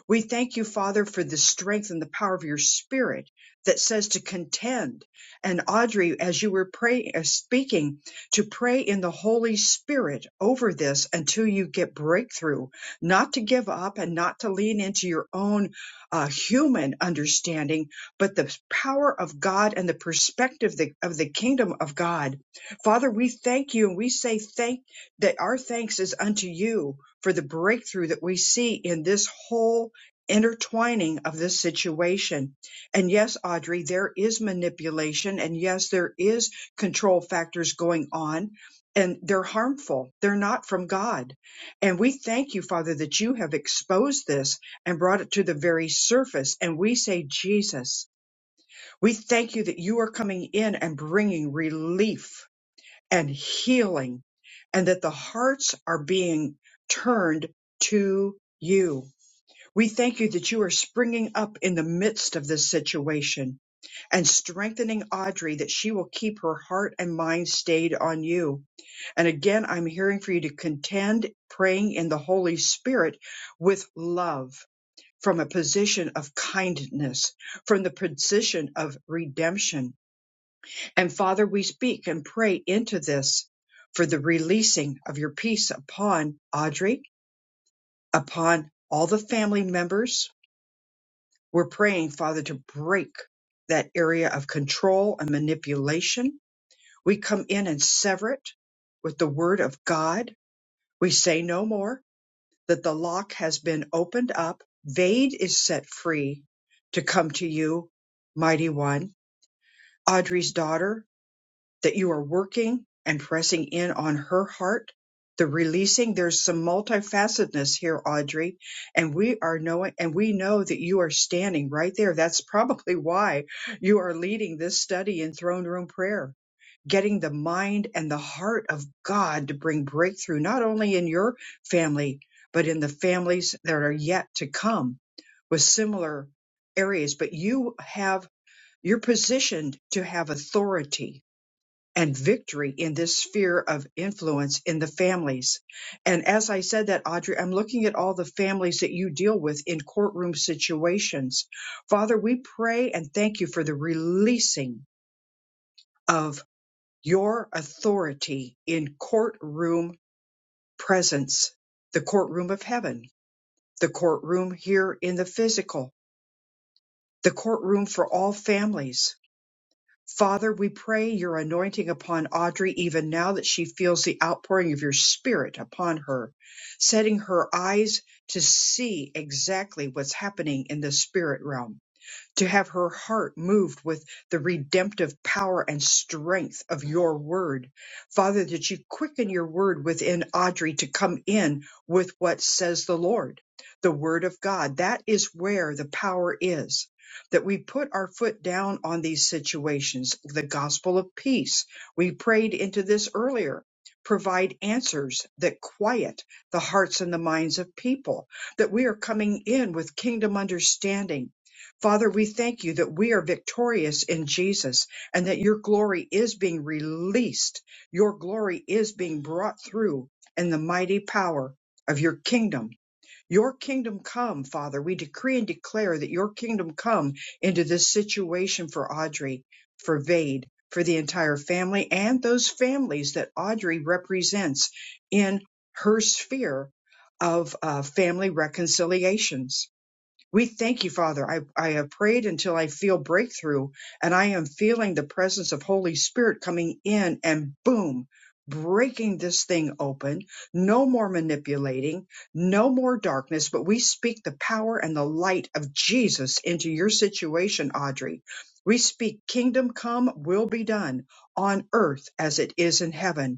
We thank you, Father, for the strength and the power of your spirit that says to contend. And Audrey, as you were praying, uh, speaking, to pray in the Holy Spirit over this until you get breakthrough, not to give up and not to lean into your own uh, human understanding, but the power of God and the perspective the- of the kingdom of God. Father, we thank you and we say thank that our thanks is unto you for the breakthrough that we see in this whole intertwining of this situation. And yes, Audrey, there is manipulation and yes, there is control factors going on and they're harmful. They're not from God. And we thank you, Father, that you have exposed this and brought it to the very surface. And we say, Jesus, we thank you that you are coming in and bringing relief and healing and that the hearts are being turned to you we thank you that you are springing up in the midst of this situation and strengthening Audrey that she will keep her heart and mind stayed on you. And again, I'm hearing for you to contend praying in the Holy Spirit with love from a position of kindness, from the position of redemption. And Father, we speak and pray into this for the releasing of your peace upon Audrey, upon all the family members We're praying, Father, to break that area of control and manipulation. We come in and sever it with the word of God. We say no more that the lock has been opened up. Vade is set free to come to you, mighty one. Audrey's daughter, that you are working and pressing in on her heart, the releasing. There's some multifacetedness here, Audrey, and we are knowing, and we know that you are standing right there. That's probably why you are leading this study in throne room prayer, getting the mind and the heart of God to bring breakthrough, not only in your family, but in the families that are yet to come with similar areas. But you have, you're positioned to have authority and victory in this sphere of influence in the families. And as I said that, Audrey, I'm looking at all the families that you deal with in courtroom situations. Father, we pray and thank you for the releasing of your authority in courtroom presence, the courtroom of heaven, the courtroom here in the physical, the courtroom for all families Father, we pray your anointing upon Audrey even now that she feels the outpouring of your spirit upon her, setting her eyes to see exactly what's happening in the spirit realm to have her heart moved with the redemptive power and strength of your word. Father, that you quicken your word within Audrey to come in with what says the Lord, the word of God. That is where the power is. That we put our foot down on these situations, the gospel of peace. We prayed into this earlier. Provide answers that quiet the hearts and the minds of people, that we are coming in with kingdom understanding Father, we thank you that we are victorious in Jesus and that your glory is being released. Your glory is being brought through in the mighty power of your kingdom. Your kingdom come, Father. We decree and declare that your kingdom come into this situation for Audrey, for Vade, for the entire family and those families that Audrey represents in her sphere of uh, family reconciliations. We thank you, Father. I, I have prayed until I feel breakthrough, and I am feeling the presence of Holy Spirit coming in and boom, breaking this thing open. No more manipulating, no more darkness, but we speak the power and the light of Jesus into your situation, Audrey. We speak kingdom come will be done on earth as it is in heaven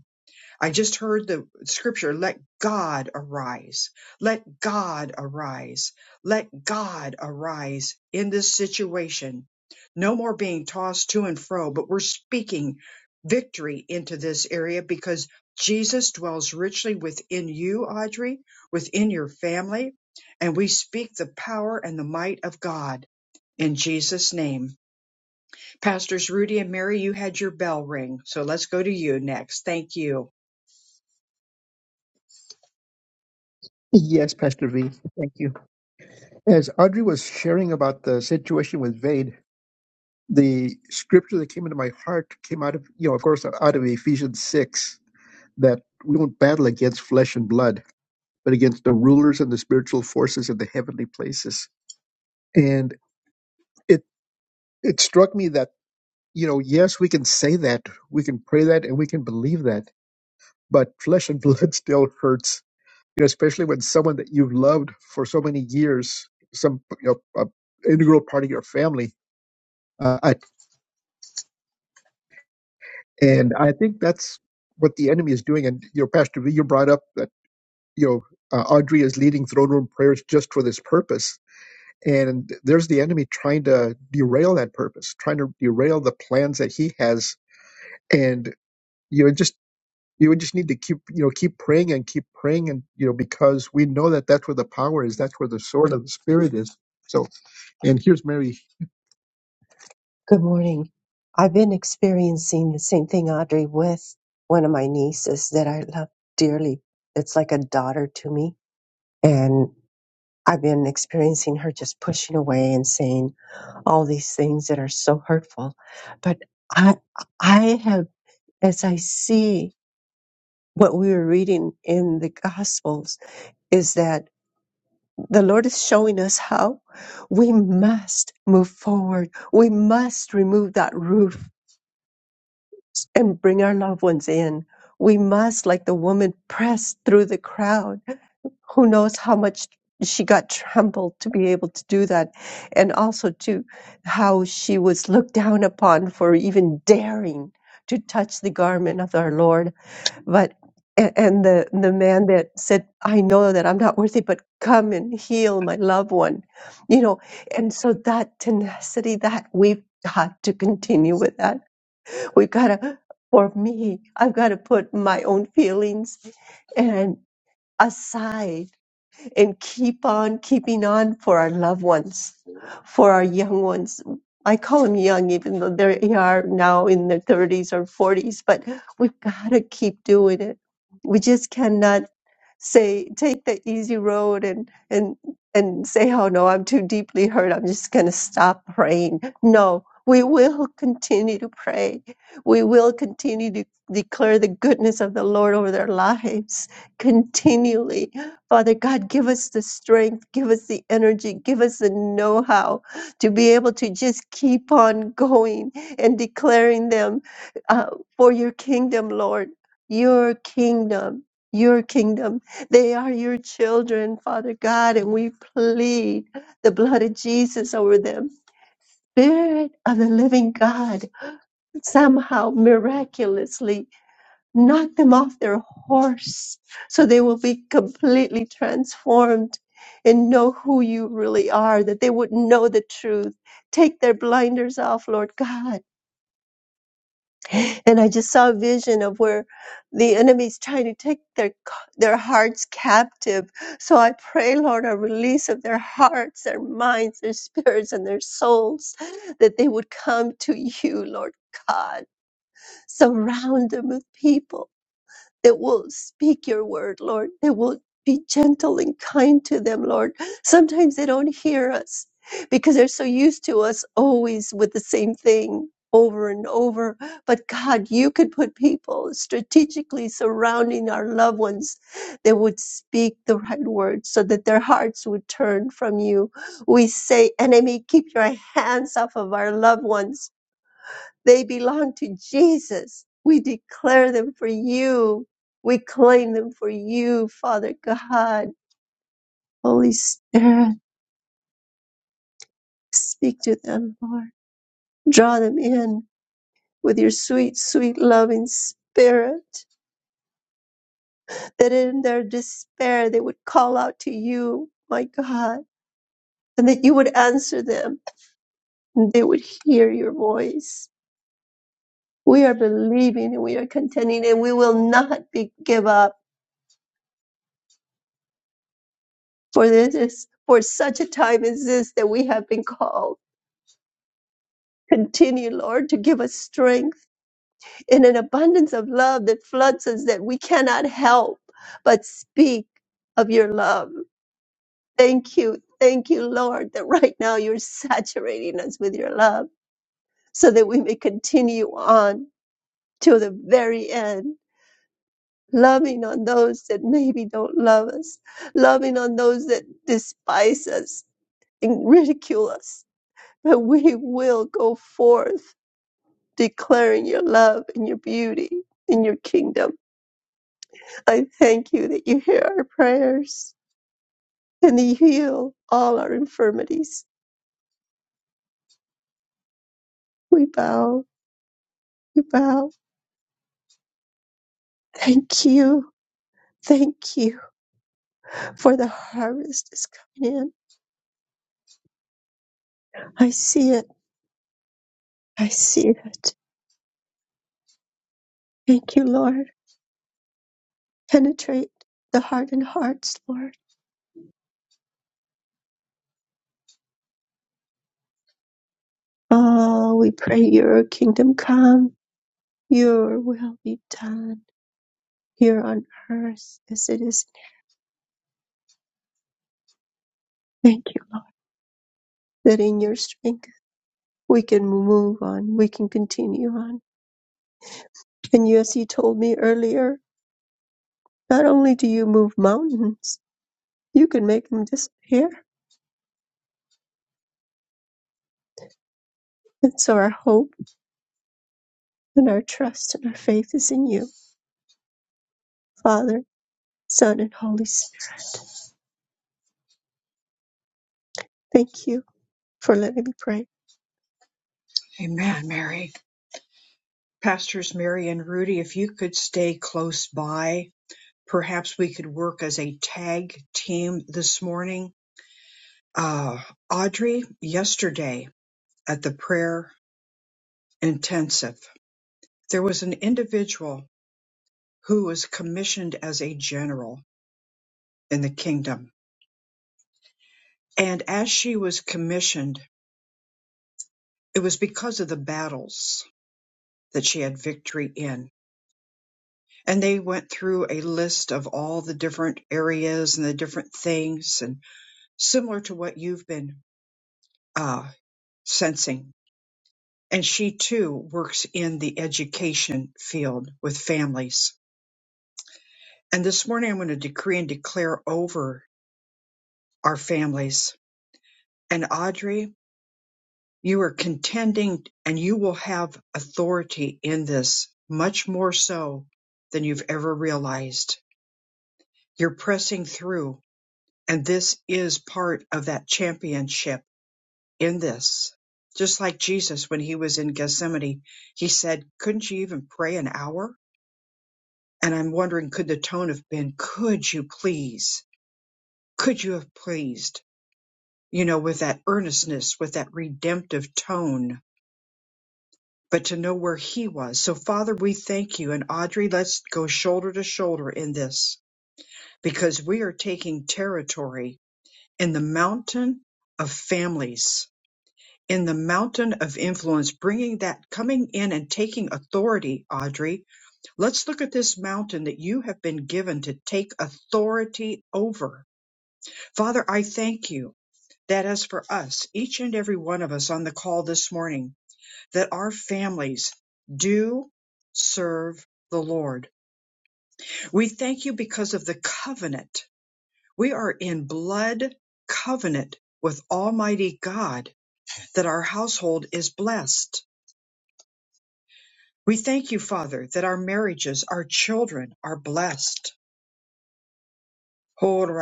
I just heard the scripture, let God arise. Let God arise. Let God arise in this situation. No more being tossed to and fro, but we're speaking victory into this area because Jesus dwells richly within you, Audrey, within your family. And we speak the power and the might of God in Jesus' name. Pastors Rudy and Mary, you had your bell ring. So let's go to you next. Thank you. Yes, Pastor V. Thank you. As Audrey was sharing about the situation with Vade, the scripture that came into my heart came out of, you know, of course, out of Ephesians 6 that we don't battle against flesh and blood, but against the rulers and the spiritual forces in the heavenly places. And it, it struck me that, you know, yes, we can say that, we can pray that, and we can believe that, but flesh and blood still hurts you know, especially when someone that you've loved for so many years, some you know, a integral part of your family. Uh, I, and I think that's what the enemy is doing. And you know, Pastor V, you brought up that you know uh, Audrey is leading throne room prayers just for this purpose. And there's the enemy trying to derail that purpose, trying to derail the plans that he has. And you know, just you would just need to keep you know keep praying and keep praying and you know because we know that that's where the power is, that's where the sword of the spirit is. So. And here's Mary. Good morning. I've been experiencing the same thing, Audrey, with one of my nieces that I love dearly. It's like a daughter to me. And I've been experiencing her just pushing away and saying all these things that are so hurtful. But I, I have, as I see what we were reading in the Gospels, is that the Lord is showing us how we must move forward. We must remove that roof and bring our loved ones in. We must, like the woman, press through the crowd. Who knows how much she got trampled to be able to do that. And also, too, how she was looked down upon for even daring to touch the garment of our Lord. But a- and the, the man that said, I know that I'm not worthy, but come and heal my loved one. You know, and so that tenacity that we've got to continue with that we gotta for me i've got to put my own feelings and aside and keep on keeping on for our loved ones, for our young ones. I call them young, even though they are now in their 30s or 40s, but we've got to keep doing it. We just cannot say, take the easy road and, and, and say, oh no, I'm too deeply hurt. I'm just going to stop praying. No, we will continue to pray. We will continue to declare the goodness of the Lord over their lives continually Father God, give us the strength, give us the energy, give us the know how to be able to just keep on going and declaring them uh, for your kingdom, Lord. Your kingdom, your kingdom. They are your children, Father God, and we plead the blood of Jesus over them. Spirit of the living God, somehow miraculously knock them off their horse so they will be completely transformed and know who you really are, that they would know the truth. Take their blinders off, Lord God. And I just saw a vision of where the enemy's trying to take their their hearts captive. So I pray, Lord, a release of their hearts, their minds, their spirits, and their souls, that they would come to you, Lord God. Surround them with people that will speak your word, Lord, that will be gentle and kind to them, Lord. Sometimes they don't hear us because they're so used to us always with the same thing over and over. But God, you could put people strategically surrounding our loved ones that would speak the right words so that their hearts would turn from you. We say, enemy, keep your hands off of our loved ones they belong to Jesus. We declare them for you. We claim them for you, Father God. Holy Spirit, speak to them, Lord. Draw them in with your sweet, sweet loving spirit, that in their despair they would call out to you, my God, and that you would answer them and they would hear your voice. We are believing and we are contending and we will not be, give up For this is for such a time as this that we have been called. Continue, Lord, to give us strength in an abundance of love that floods us that we cannot help but speak of your love. Thank you. Thank you, Lord, that right now you're saturating us with your love so that we may continue on till the very end, loving on those that maybe don't love us, loving on those that despise us and ridicule us, but we will go forth declaring your love and your beauty and your kingdom. I thank you that you hear our prayers and that you heal all our infirmities. We bow, we bow. Thank you, thank you for the harvest is coming in. I see it, I see it. Thank you, Lord. Penetrate the heart and hearts, Lord. Oh, we pray your kingdom come, your will be done here on earth as it is in heaven. Thank you, Lord, that in your strength we can move on, we can continue on. And yes, you told me earlier, not only do you move mountains, you can make them disappear. And so our hope and our trust and our faith is in you, Father, Son, and Holy Spirit. Thank you for letting me pray. Amen, Mary. Pastors Mary and Rudy, if you could stay close by, perhaps we could work as a tag team this morning. Uh, Audrey, yesterday at the prayer intensive, there was an individual who was commissioned as a general in the kingdom. And as she was commissioned, it was because of the battles that she had victory in. And they went through a list of all the different areas and the different things. and. similar to what you've been uh, sensing. And she too works in the education field with families. And this morning I'm going to decree and declare over our families. And Audrey, you are contending and you will have authority in this much more so than you've ever realized. You're pressing through and this is part of that championship in this. Just like Jesus, when he was in Gethsemane, he said, Couldn't you even pray an hour? And I'm wondering, could the tone have been, Could you please? Could you have pleased? You know, with that earnestness, with that redemptive tone, but to know where he was. So, Father, we thank you. And Audrey, let's go shoulder to shoulder in this because we are taking territory in the mountain of families in the mountain of influence, bringing that, coming in and taking authority, Audrey. Let's look at this mountain that you have been given to take authority over. Father, I thank you that as for us, each and every one of us on the call this morning, that our families do serve the Lord. We thank you because of the covenant. We are in blood covenant with Almighty God that our household is blessed. We thank you, Father, that our marriages, our children are blessed. Father,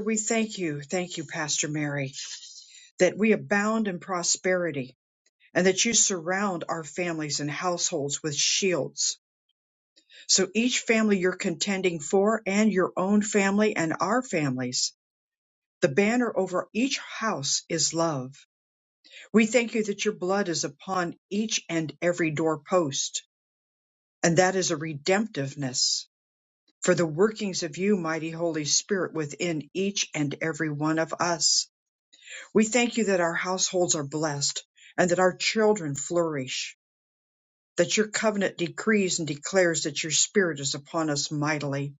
we thank you, thank you, Pastor Mary, that we abound in prosperity and that you surround our families and households with shields. So each family you're contending for and your own family and our families, the banner over each house is love. We thank you that your blood is upon each and every doorpost and that is a redemptiveness for the workings of you, mighty Holy Spirit, within each and every one of us. We thank you that our households are blessed and that our children flourish. That your covenant decrees and declares that your spirit is upon us mightily.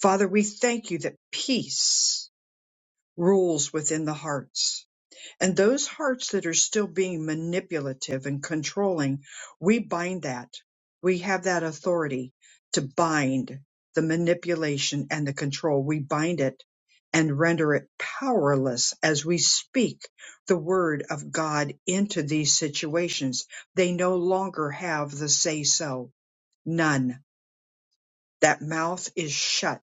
Father, we thank you that peace rules within the hearts And those hearts that are still being manipulative and controlling, we bind that. We have that authority to bind the manipulation and the control. We bind it and render it powerless as we speak the word of God into these situations. They no longer have the say so. None. That mouth is shut.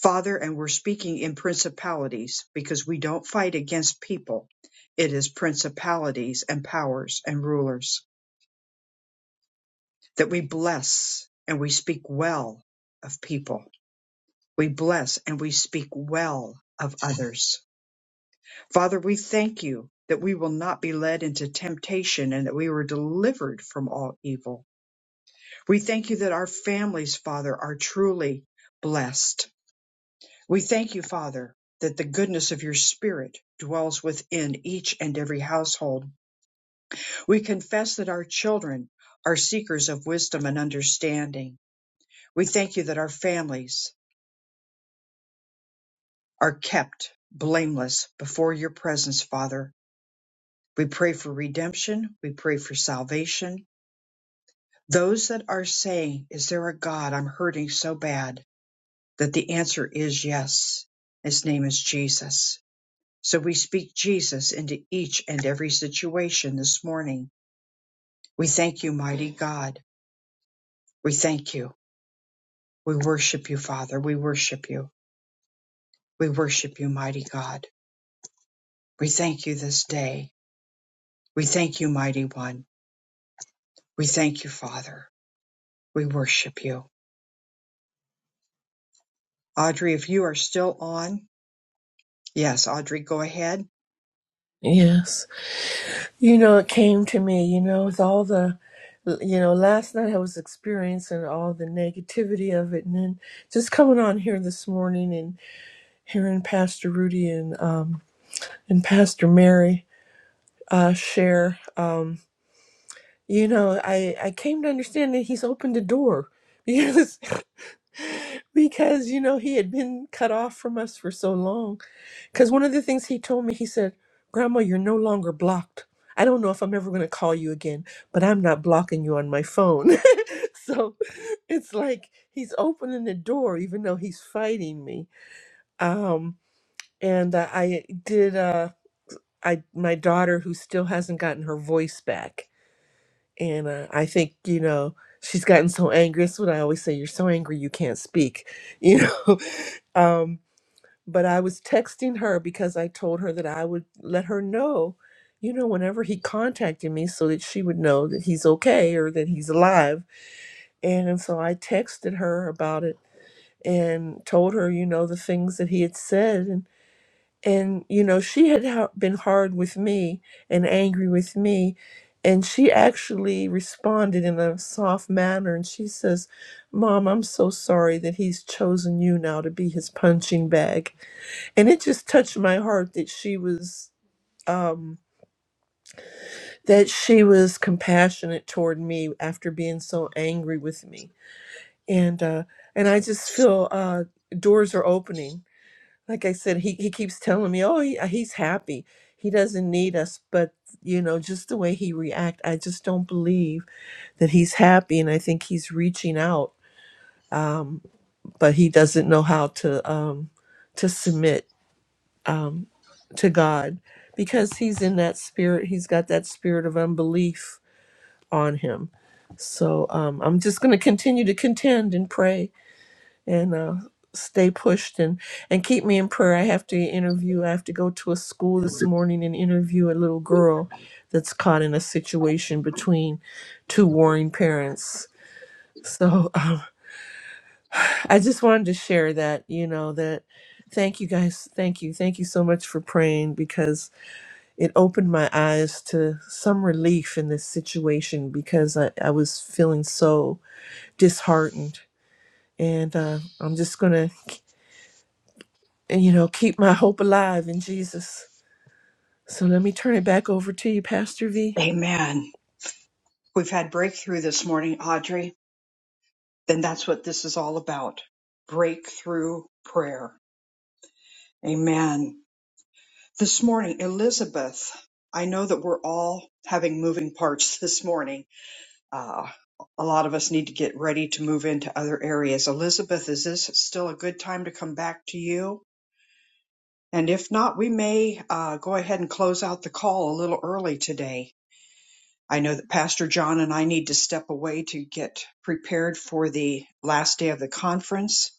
Father, and we're speaking in principalities because we don't fight against people. It is principalities and powers and rulers that we bless and we speak well of people. We bless and we speak well of others. Father, we thank you that we will not be led into temptation and that we were delivered from all evil. We thank you that our families, Father, are truly blessed We thank you, Father, that the goodness of your Spirit dwells within each and every household. We confess that our children are seekers of wisdom and understanding. We thank you that our families are kept blameless before your presence, Father. We pray for redemption. We pray for salvation. Those that are saying, Is there a God? I'm hurting so bad. That the answer is yes. His name is Jesus. So we speak Jesus into each and every situation this morning. We thank you, mighty God. We thank you. We worship you, Father. We worship you. We worship you, mighty God. We thank you this day. We thank you, mighty one. We thank you, Father. We worship you. Audrey, if you are still on, yes, Audrey, go ahead. Yes, you know it came to me. You know with all the, you know last night I was experiencing all the negativity of it, and then just coming on here this morning and hearing Pastor Rudy and um and Pastor Mary. uh, share. Um, you know, I, I came to understand that he's opened the door because because you know he had been cut off from us for so long. Because one of the things he told me, he said, "Grandma, you're no longer blocked." I don't know if I'm ever going to call you again, but I'm not blocking you on my phone. so it's like he's opening the door, even though he's fighting me. Um, and uh, I did. Uh, I my daughter, who still hasn't gotten her voice back. And uh, I think, you know, she's gotten so angry. That's what I always say you're so angry you can't speak, you know. um, but I was texting her because I told her that I would let her know, you know, whenever he contacted me so that she would know that he's okay or that he's alive. And, and so I texted her about it and told her, you know, the things that he had said and you know she had ha- been hard with me and angry with me and she actually responded in a soft manner and she says mom i'm so sorry that he's chosen you now to be his punching bag and it just touched my heart that she was um that she was compassionate toward me after being so angry with me and uh and i just feel uh doors are opening like I said, he, he keeps telling me, oh, he, he's happy. He doesn't need us. But, you know, just the way he react, I just don't believe that he's happy. And I think he's reaching out, um, but he doesn't know how to um, to submit um, to God because he's in that spirit. He's got that spirit of unbelief on him. So um, I'm just going to continue to contend and pray and uh, stay pushed and and keep me in prayer. I have to interview. I have to go to a school this morning and interview a little girl that's caught in a situation between two warring parents. So um, I just wanted to share that. You know that. Thank you guys. Thank you. Thank you so much for praying because it opened my eyes to some relief in this situation because I, I was feeling so disheartened. And uh, I'm just going to and you know keep my hope alive in jesus so let me turn it back over to you pastor v Amen. We've had breakthrough this morning, Audrey. Then that's what this is all about breakthrough prayer. Amen. This morning, Elizabeth, I know that we're all having moving parts this morning. Uh, a lot of us need to get ready to move into other areas. Elizabeth, is this still a good time to come back to you? And if not, we may uh, go ahead and close out the call a little early today. I know that Pastor John and I need to step away to get prepared for the last day of the conference.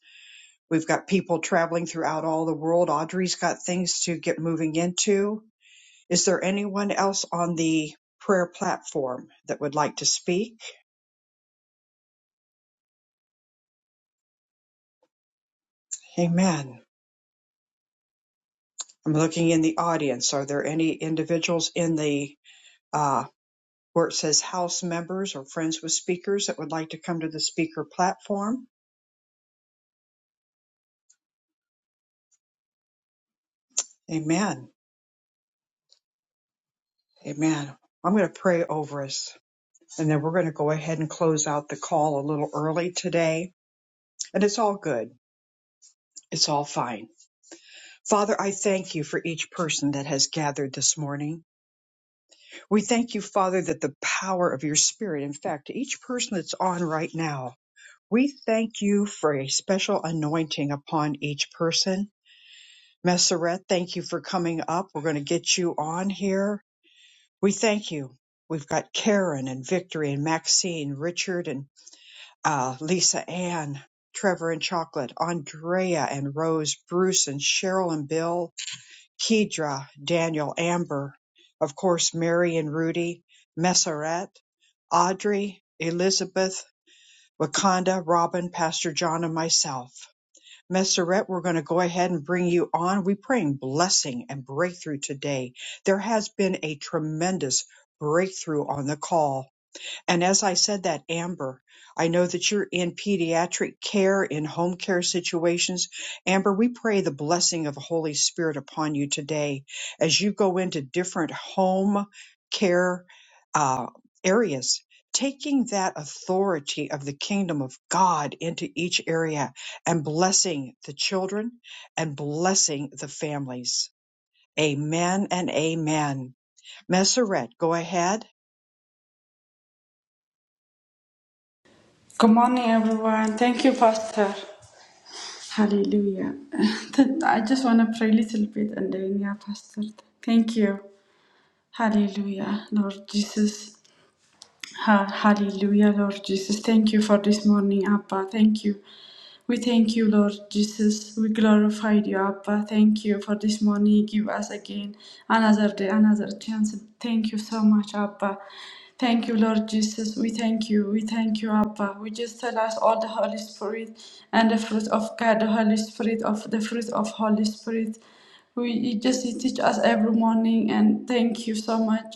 We've got people traveling throughout all the world. Audrey's got things to get moving into Is there anyone else on the prayer platform that would like to speak? Amen. I'm looking in the audience. Are there any individuals in the uh, where it says house members or friends with speakers that would like to come to the speaker platform? Amen. Amen. I'm going to pray over us and then we're going to go ahead and close out the call a little early today. And it's all good. It's all fine. Father, I thank you for each person that has gathered this morning. We thank you, Father, that the power of your Spirit, in fact, each person that's on right now, we thank you for a special anointing upon each person. Messeret, thank you for coming up. We're going to get you on here. We thank you. We've got Karen and Victory and Maxine, Richard and uh, Lisa Ann, Trevor and Chocolate, Andrea and Rose, Bruce and Cheryl and Bill, Kedra, Daniel Amber, of course Mary and Rudy, Meseret, Audrey, Elizabeth, Wakanda, Robin, Pastor John, and myself. Messeret, we're going to go ahead and bring you on. We're praying blessing and breakthrough today. There has been a tremendous breakthrough on the call and as I said that, Amber, I know that you're in pediatric care, in home care situations. Amber, we pray the blessing of the Holy Spirit upon you today as you go into different home care uh, areas, taking that authority of the kingdom of God into each area and blessing the children and blessing the families. Amen and amen. Messeret, go ahead. Good morning, everyone. Thank you, Pastor. Hallelujah. I just want to pray a little bit and then, yeah, Pastor. Thank you. Hallelujah, Lord Jesus. Ha- Hallelujah, Lord Jesus. Thank you for this morning, Abba. Thank you. We thank you, Lord Jesus. We glorify you, Abba. Thank you for this morning. You give us again another day, another chance. Thank you so much, Abba. Thank you, Lord Jesus. We thank you. We thank you, Abba. We just tell us all the Holy Spirit and the fruit of God, the Holy Spirit of the fruit of Holy Spirit. We you just you teach us every morning, and thank you so much.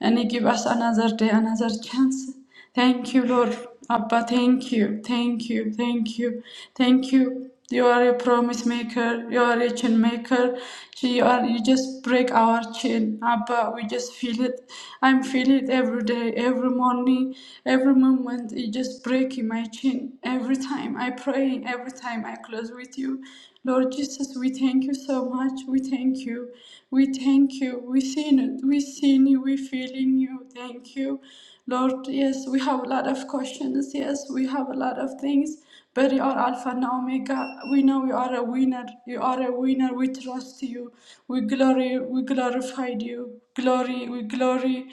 And you give us another day, another chance. Thank you, Lord. Abba, thank you, thank you, thank you, thank you. You are a promise maker. You are a chain maker. You are. You just break our chain, Abba. We just feel it. I'm feeling it every day, every morning, every moment. You just breaking my chain every time I pray. Every time I close with you, Lord Jesus. We thank you so much. We thank you. We thank you. We seen it. We seen you. We feeling you. Thank you. Lord, yes, we have a lot of questions. Yes, we have a lot of things, but you are Alpha and Omega. We know you are a winner. You are a winner. We trust you. We glory. We glorified you. Glory. We glory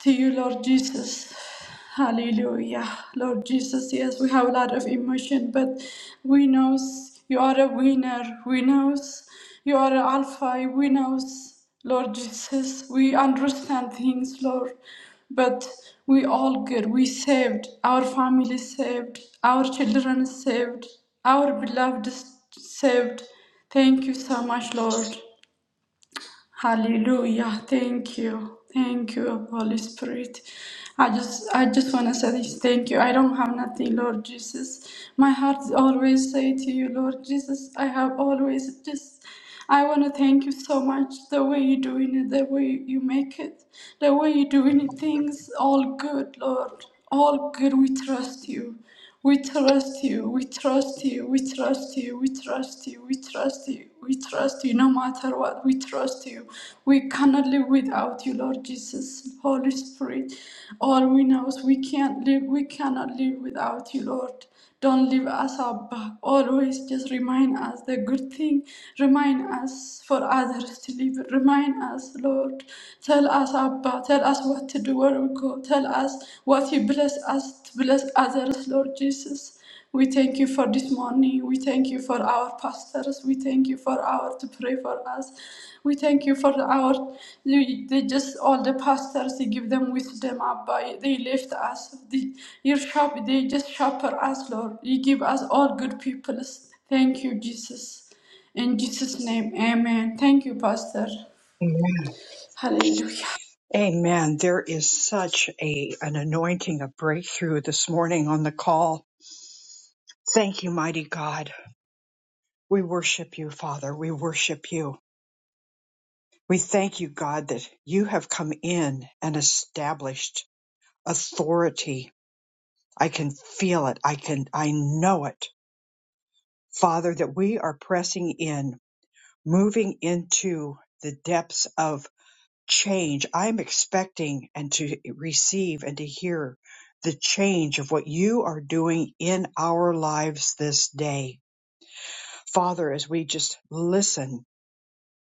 to you, Lord Jesus. Hallelujah. Lord Jesus, yes, we have a lot of emotion, but we knows you are a winner. We knows you are an alpha. We knows, Lord Jesus, we understand things, Lord. But we all good. We saved. Our family saved. Our children saved. Our beloved saved. Thank you so much, Lord. Hallelujah. Thank you. Thank you, Holy Spirit. I just I just wanna say this thank you. I don't have nothing, Lord Jesus. My heart is always say to you, Lord Jesus, I have always just I wanna thank you so much the way you're doing it, the way you make it, the way you're doing it, things all good, Lord. All good we trust you. We trust you, we trust you, we trust you, we trust you, we trust you, we trust you no matter what, we trust you. We cannot live without you, Lord Jesus, Holy Spirit. All we know is we can't live, we cannot live without you, Lord. Don't leave us up back. Always just remind us the good thing. Remind us for others to live. Remind us, Lord. Tell us, Abba. Tell us what to do, where we go. Tell us what you bless us Bless others, Lord Jesus. We thank you for this morning. We thank you for our pastors. We thank you for our to pray for us. We thank you for our you, they just all the pastors. You give them wisdom, Abba. They lift us. They, your shop, they just sharper us, Lord. You give us all good people. Thank you, Jesus. In Jesus' name, Amen. Thank you, Pastor. Hallelujah. Amen. There is such a an anointing of breakthrough this morning on the call. Thank you, mighty God. We worship you, Father. We worship you. We thank you, God, that you have come in and established authority. I can feel it. I can I know it. Father, that we are pressing in, moving into the depths of change. I'm expecting and to receive and to hear the change of what you are doing in our lives this day. Father, as we just listen,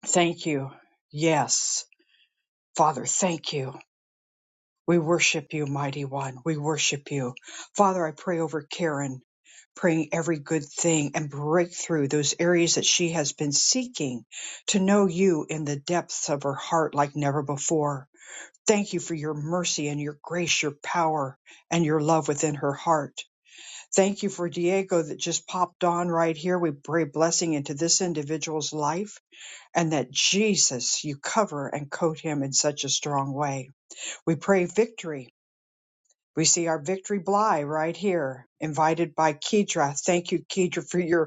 thank you. Yes, Father, thank you. We worship you, mighty one. We worship you. Father, I pray over Karen, praying every good thing and breakthrough those areas that she has been seeking to know you in the depths of her heart like never before. Thank you for your mercy and your grace, your power and your love within her heart. Thank you for Diego that just popped on right here. We pray blessing into this individual's life and that Jesus, you cover and coat him in such a strong way. We pray victory. We see our victory Bly right here, invited by Kedra. Thank you, Kedra, for your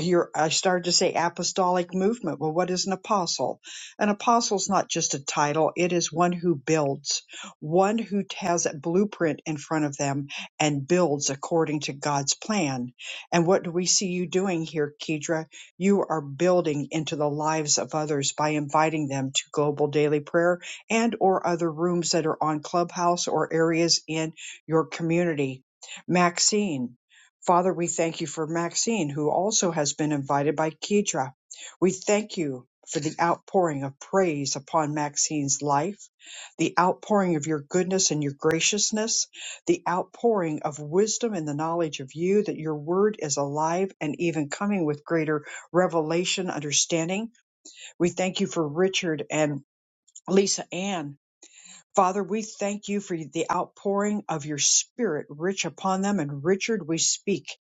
you I started to say apostolic movement. Well, what is an apostle? An apostle is not just a title, it is one who builds, one who has a blueprint in front of them and builds according to God's plan. And what do we see you doing here, Kedra? You are building into the lives of others by inviting them to global daily prayer and or other rooms that are on Clubhouse or areas in your community. Maxine, Father, we thank you for Maxine, who also has been invited by Kedra. We thank you for the outpouring of praise upon Maxine's life, the outpouring of your goodness and your graciousness, the outpouring of wisdom and the knowledge of you, that your word is alive and even coming with greater revelation, understanding. We thank you for Richard and Lisa Ann Father, we thank you for the outpouring of your spirit rich upon them. And Richard, we speak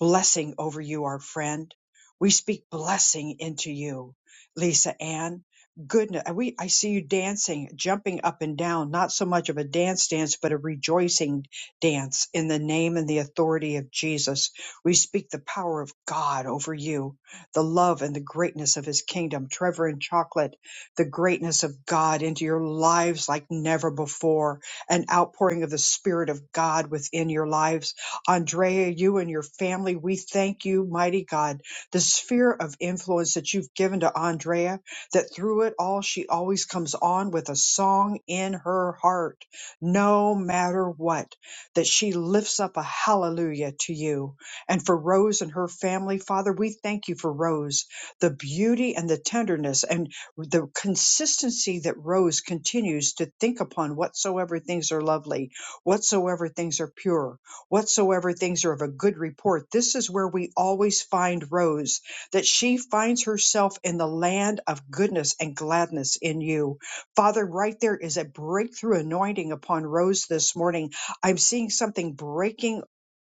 blessing over you, our friend. We speak blessing into you, Lisa Ann. Goodness, we, I see you dancing, jumping up and down, not so much of a dance dance, but a rejoicing dance in the name and the authority of Jesus. We speak the power of God over you, the love and the greatness of his kingdom. Trevor and Chocolate the greatness of God into your lives like never before, an outpouring of the Spirit of God within your lives. Andrea, you and your family, we thank you, mighty God, the sphere of influence that you've given to Andrea, that through it all, she always comes on with a song in her heart, no matter what, that she lifts up a hallelujah to you. And for Rose and her family, Father, we thank you for Rose, the beauty and the tenderness. and the consistency that Rose continues to think upon whatsoever things are lovely, whatsoever things are pure, whatsoever things are of a good report. This is where we always find Rose, that she finds herself in the land of goodness and gladness in you. Father, right there is a breakthrough anointing upon Rose this morning. I'm seeing something breaking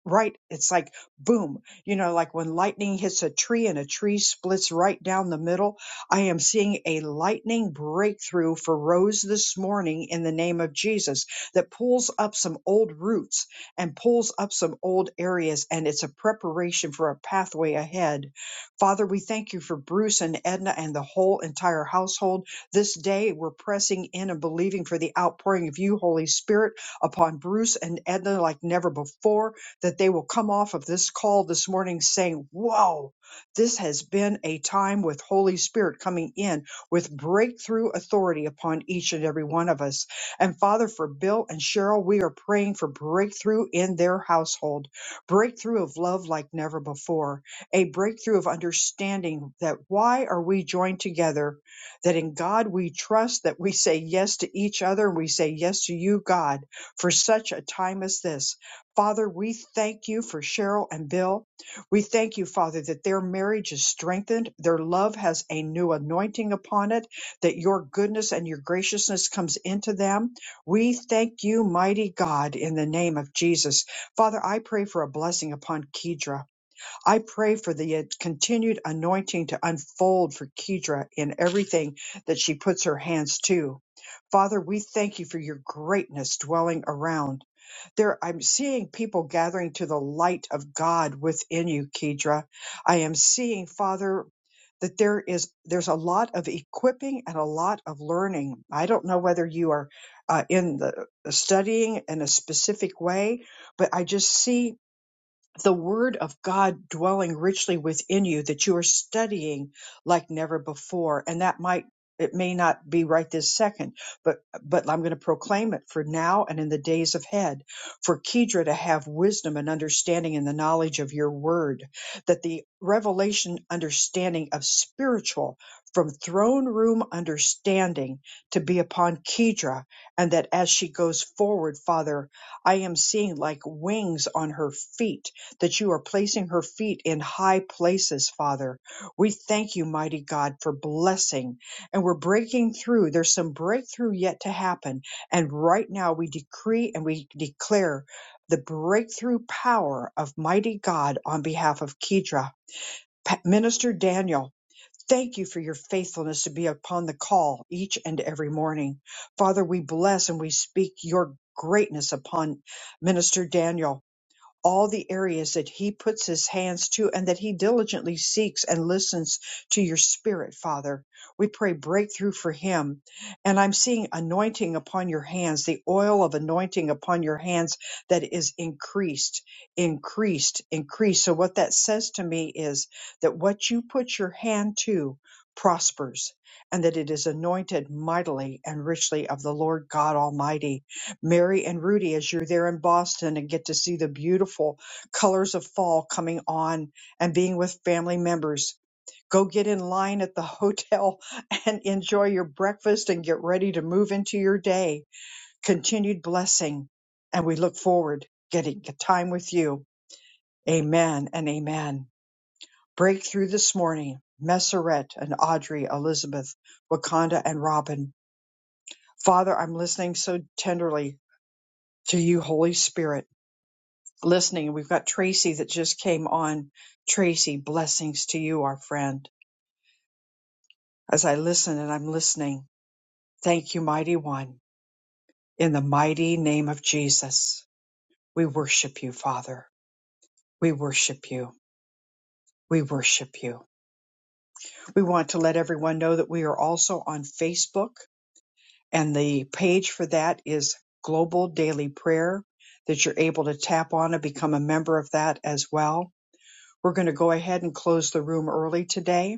right it's like boom you know like when lightning hits a tree and a tree splits right down the middle i am seeing a lightning breakthrough for rose this morning in the name of jesus that pulls up some old roots and pulls up some old areas and it's a preparation for a pathway ahead father we thank you for bruce and edna and the whole entire household this day we're pressing in and believing for the outpouring of you holy spirit upon bruce and edna like never before that they will come off of this call this morning saying, Whoa, this has been a time with Holy Spirit coming in with breakthrough authority upon each and every one of us. And Father, for Bill and Cheryl, we are praying for breakthrough in their household, breakthrough of love like never before, a breakthrough of understanding that why are we joined together, that in God we trust, that we say yes to each other, we say yes to you, God, for such a time as this Father, we thank you for Cheryl and Bill. We thank you, Father, that their marriage is strengthened. Their love has a new anointing upon it, that your goodness and your graciousness comes into them. We thank you, mighty God, in the name of Jesus. Father, I pray for a blessing upon Kedra. I pray for the uh, continued anointing to unfold for Kedra in everything that she puts her hands to. Father, we thank you for your greatness dwelling around. There, I'm seeing people gathering to the light of God within you, Kedra. I am seeing, Father, that there is there's a lot of equipping and a lot of learning. I don't know whether you are uh, in the studying in a specific way, but I just see the word of God dwelling richly within you that you are studying like never before. And that might, it may not be right this second, but, but I'm going to proclaim it for now and in the days ahead for Kedra to have wisdom and understanding in the knowledge of your word, that the revelation understanding of spiritual from throne room understanding to be upon Kedra. And that as she goes forward, Father, I am seeing like wings on her feet that you are placing her feet in high places, Father. We thank you, mighty God, for blessing. And we're breaking through. There's some breakthrough yet to happen. And right now we decree and we declare the breakthrough power of mighty God on behalf of Kedra. Pa- Minister Daniel, thank you for your faithfulness to be upon the call each and every morning. Father, we bless and we speak your greatness upon Minister Daniel all the areas that he puts his hands to and that he diligently seeks and listens to your spirit, Father. We pray breakthrough for him. And I'm seeing anointing upon your hands, the oil of anointing upon your hands that is increased, increased, increased. So what that says to me is that what you put your hand to prospers and that it is anointed mightily and richly of the Lord God Almighty Mary and Rudy as you're there in Boston and get to see the beautiful colors of fall coming on and being with family members. Go get in line at the hotel and enjoy your breakfast and get ready to move into your day. Continued blessing. And we look forward to getting the time with you. Amen and amen. Breakthrough this morning. Messeret and Audrey, Elizabeth, Wakanda and Robin. Father, I'm listening so tenderly to you, Holy Spirit listening. We've got Tracy that just came on. Tracy, blessings to you, our friend. As I listen and I'm listening, thank you, mighty one. In the mighty name of Jesus, we worship you, Father. We worship you. We worship you. We want to let everyone know that we are also on Facebook, and the page for that is Global Daily Prayer, that you're able to tap on and become a member of that as well. We're going to go ahead and close the room early today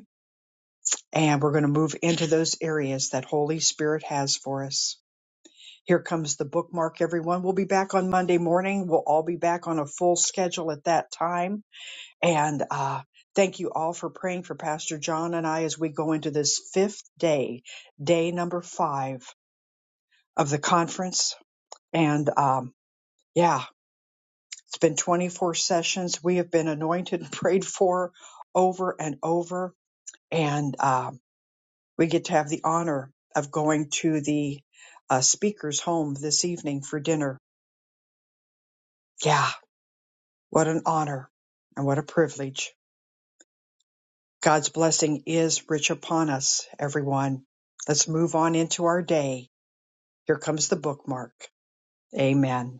and we're going to move into those areas that Holy Spirit has for us. Here comes the bookmark, everyone. We'll be back on Monday morning. We'll all be back on a full schedule at that time. And uh, thank you all for praying for Pastor John and I as we go into this fifth day, day number five of the conference. And um, yeah, it's been 24 sessions. We have been anointed and prayed for over and over. And um, we get to have the honor of going to the uh, speaker's home this evening for dinner. Yeah, what an honor and what a privilege. God's blessing is rich upon us, everyone. Let's move on into our day. Here comes the bookmark. Amen.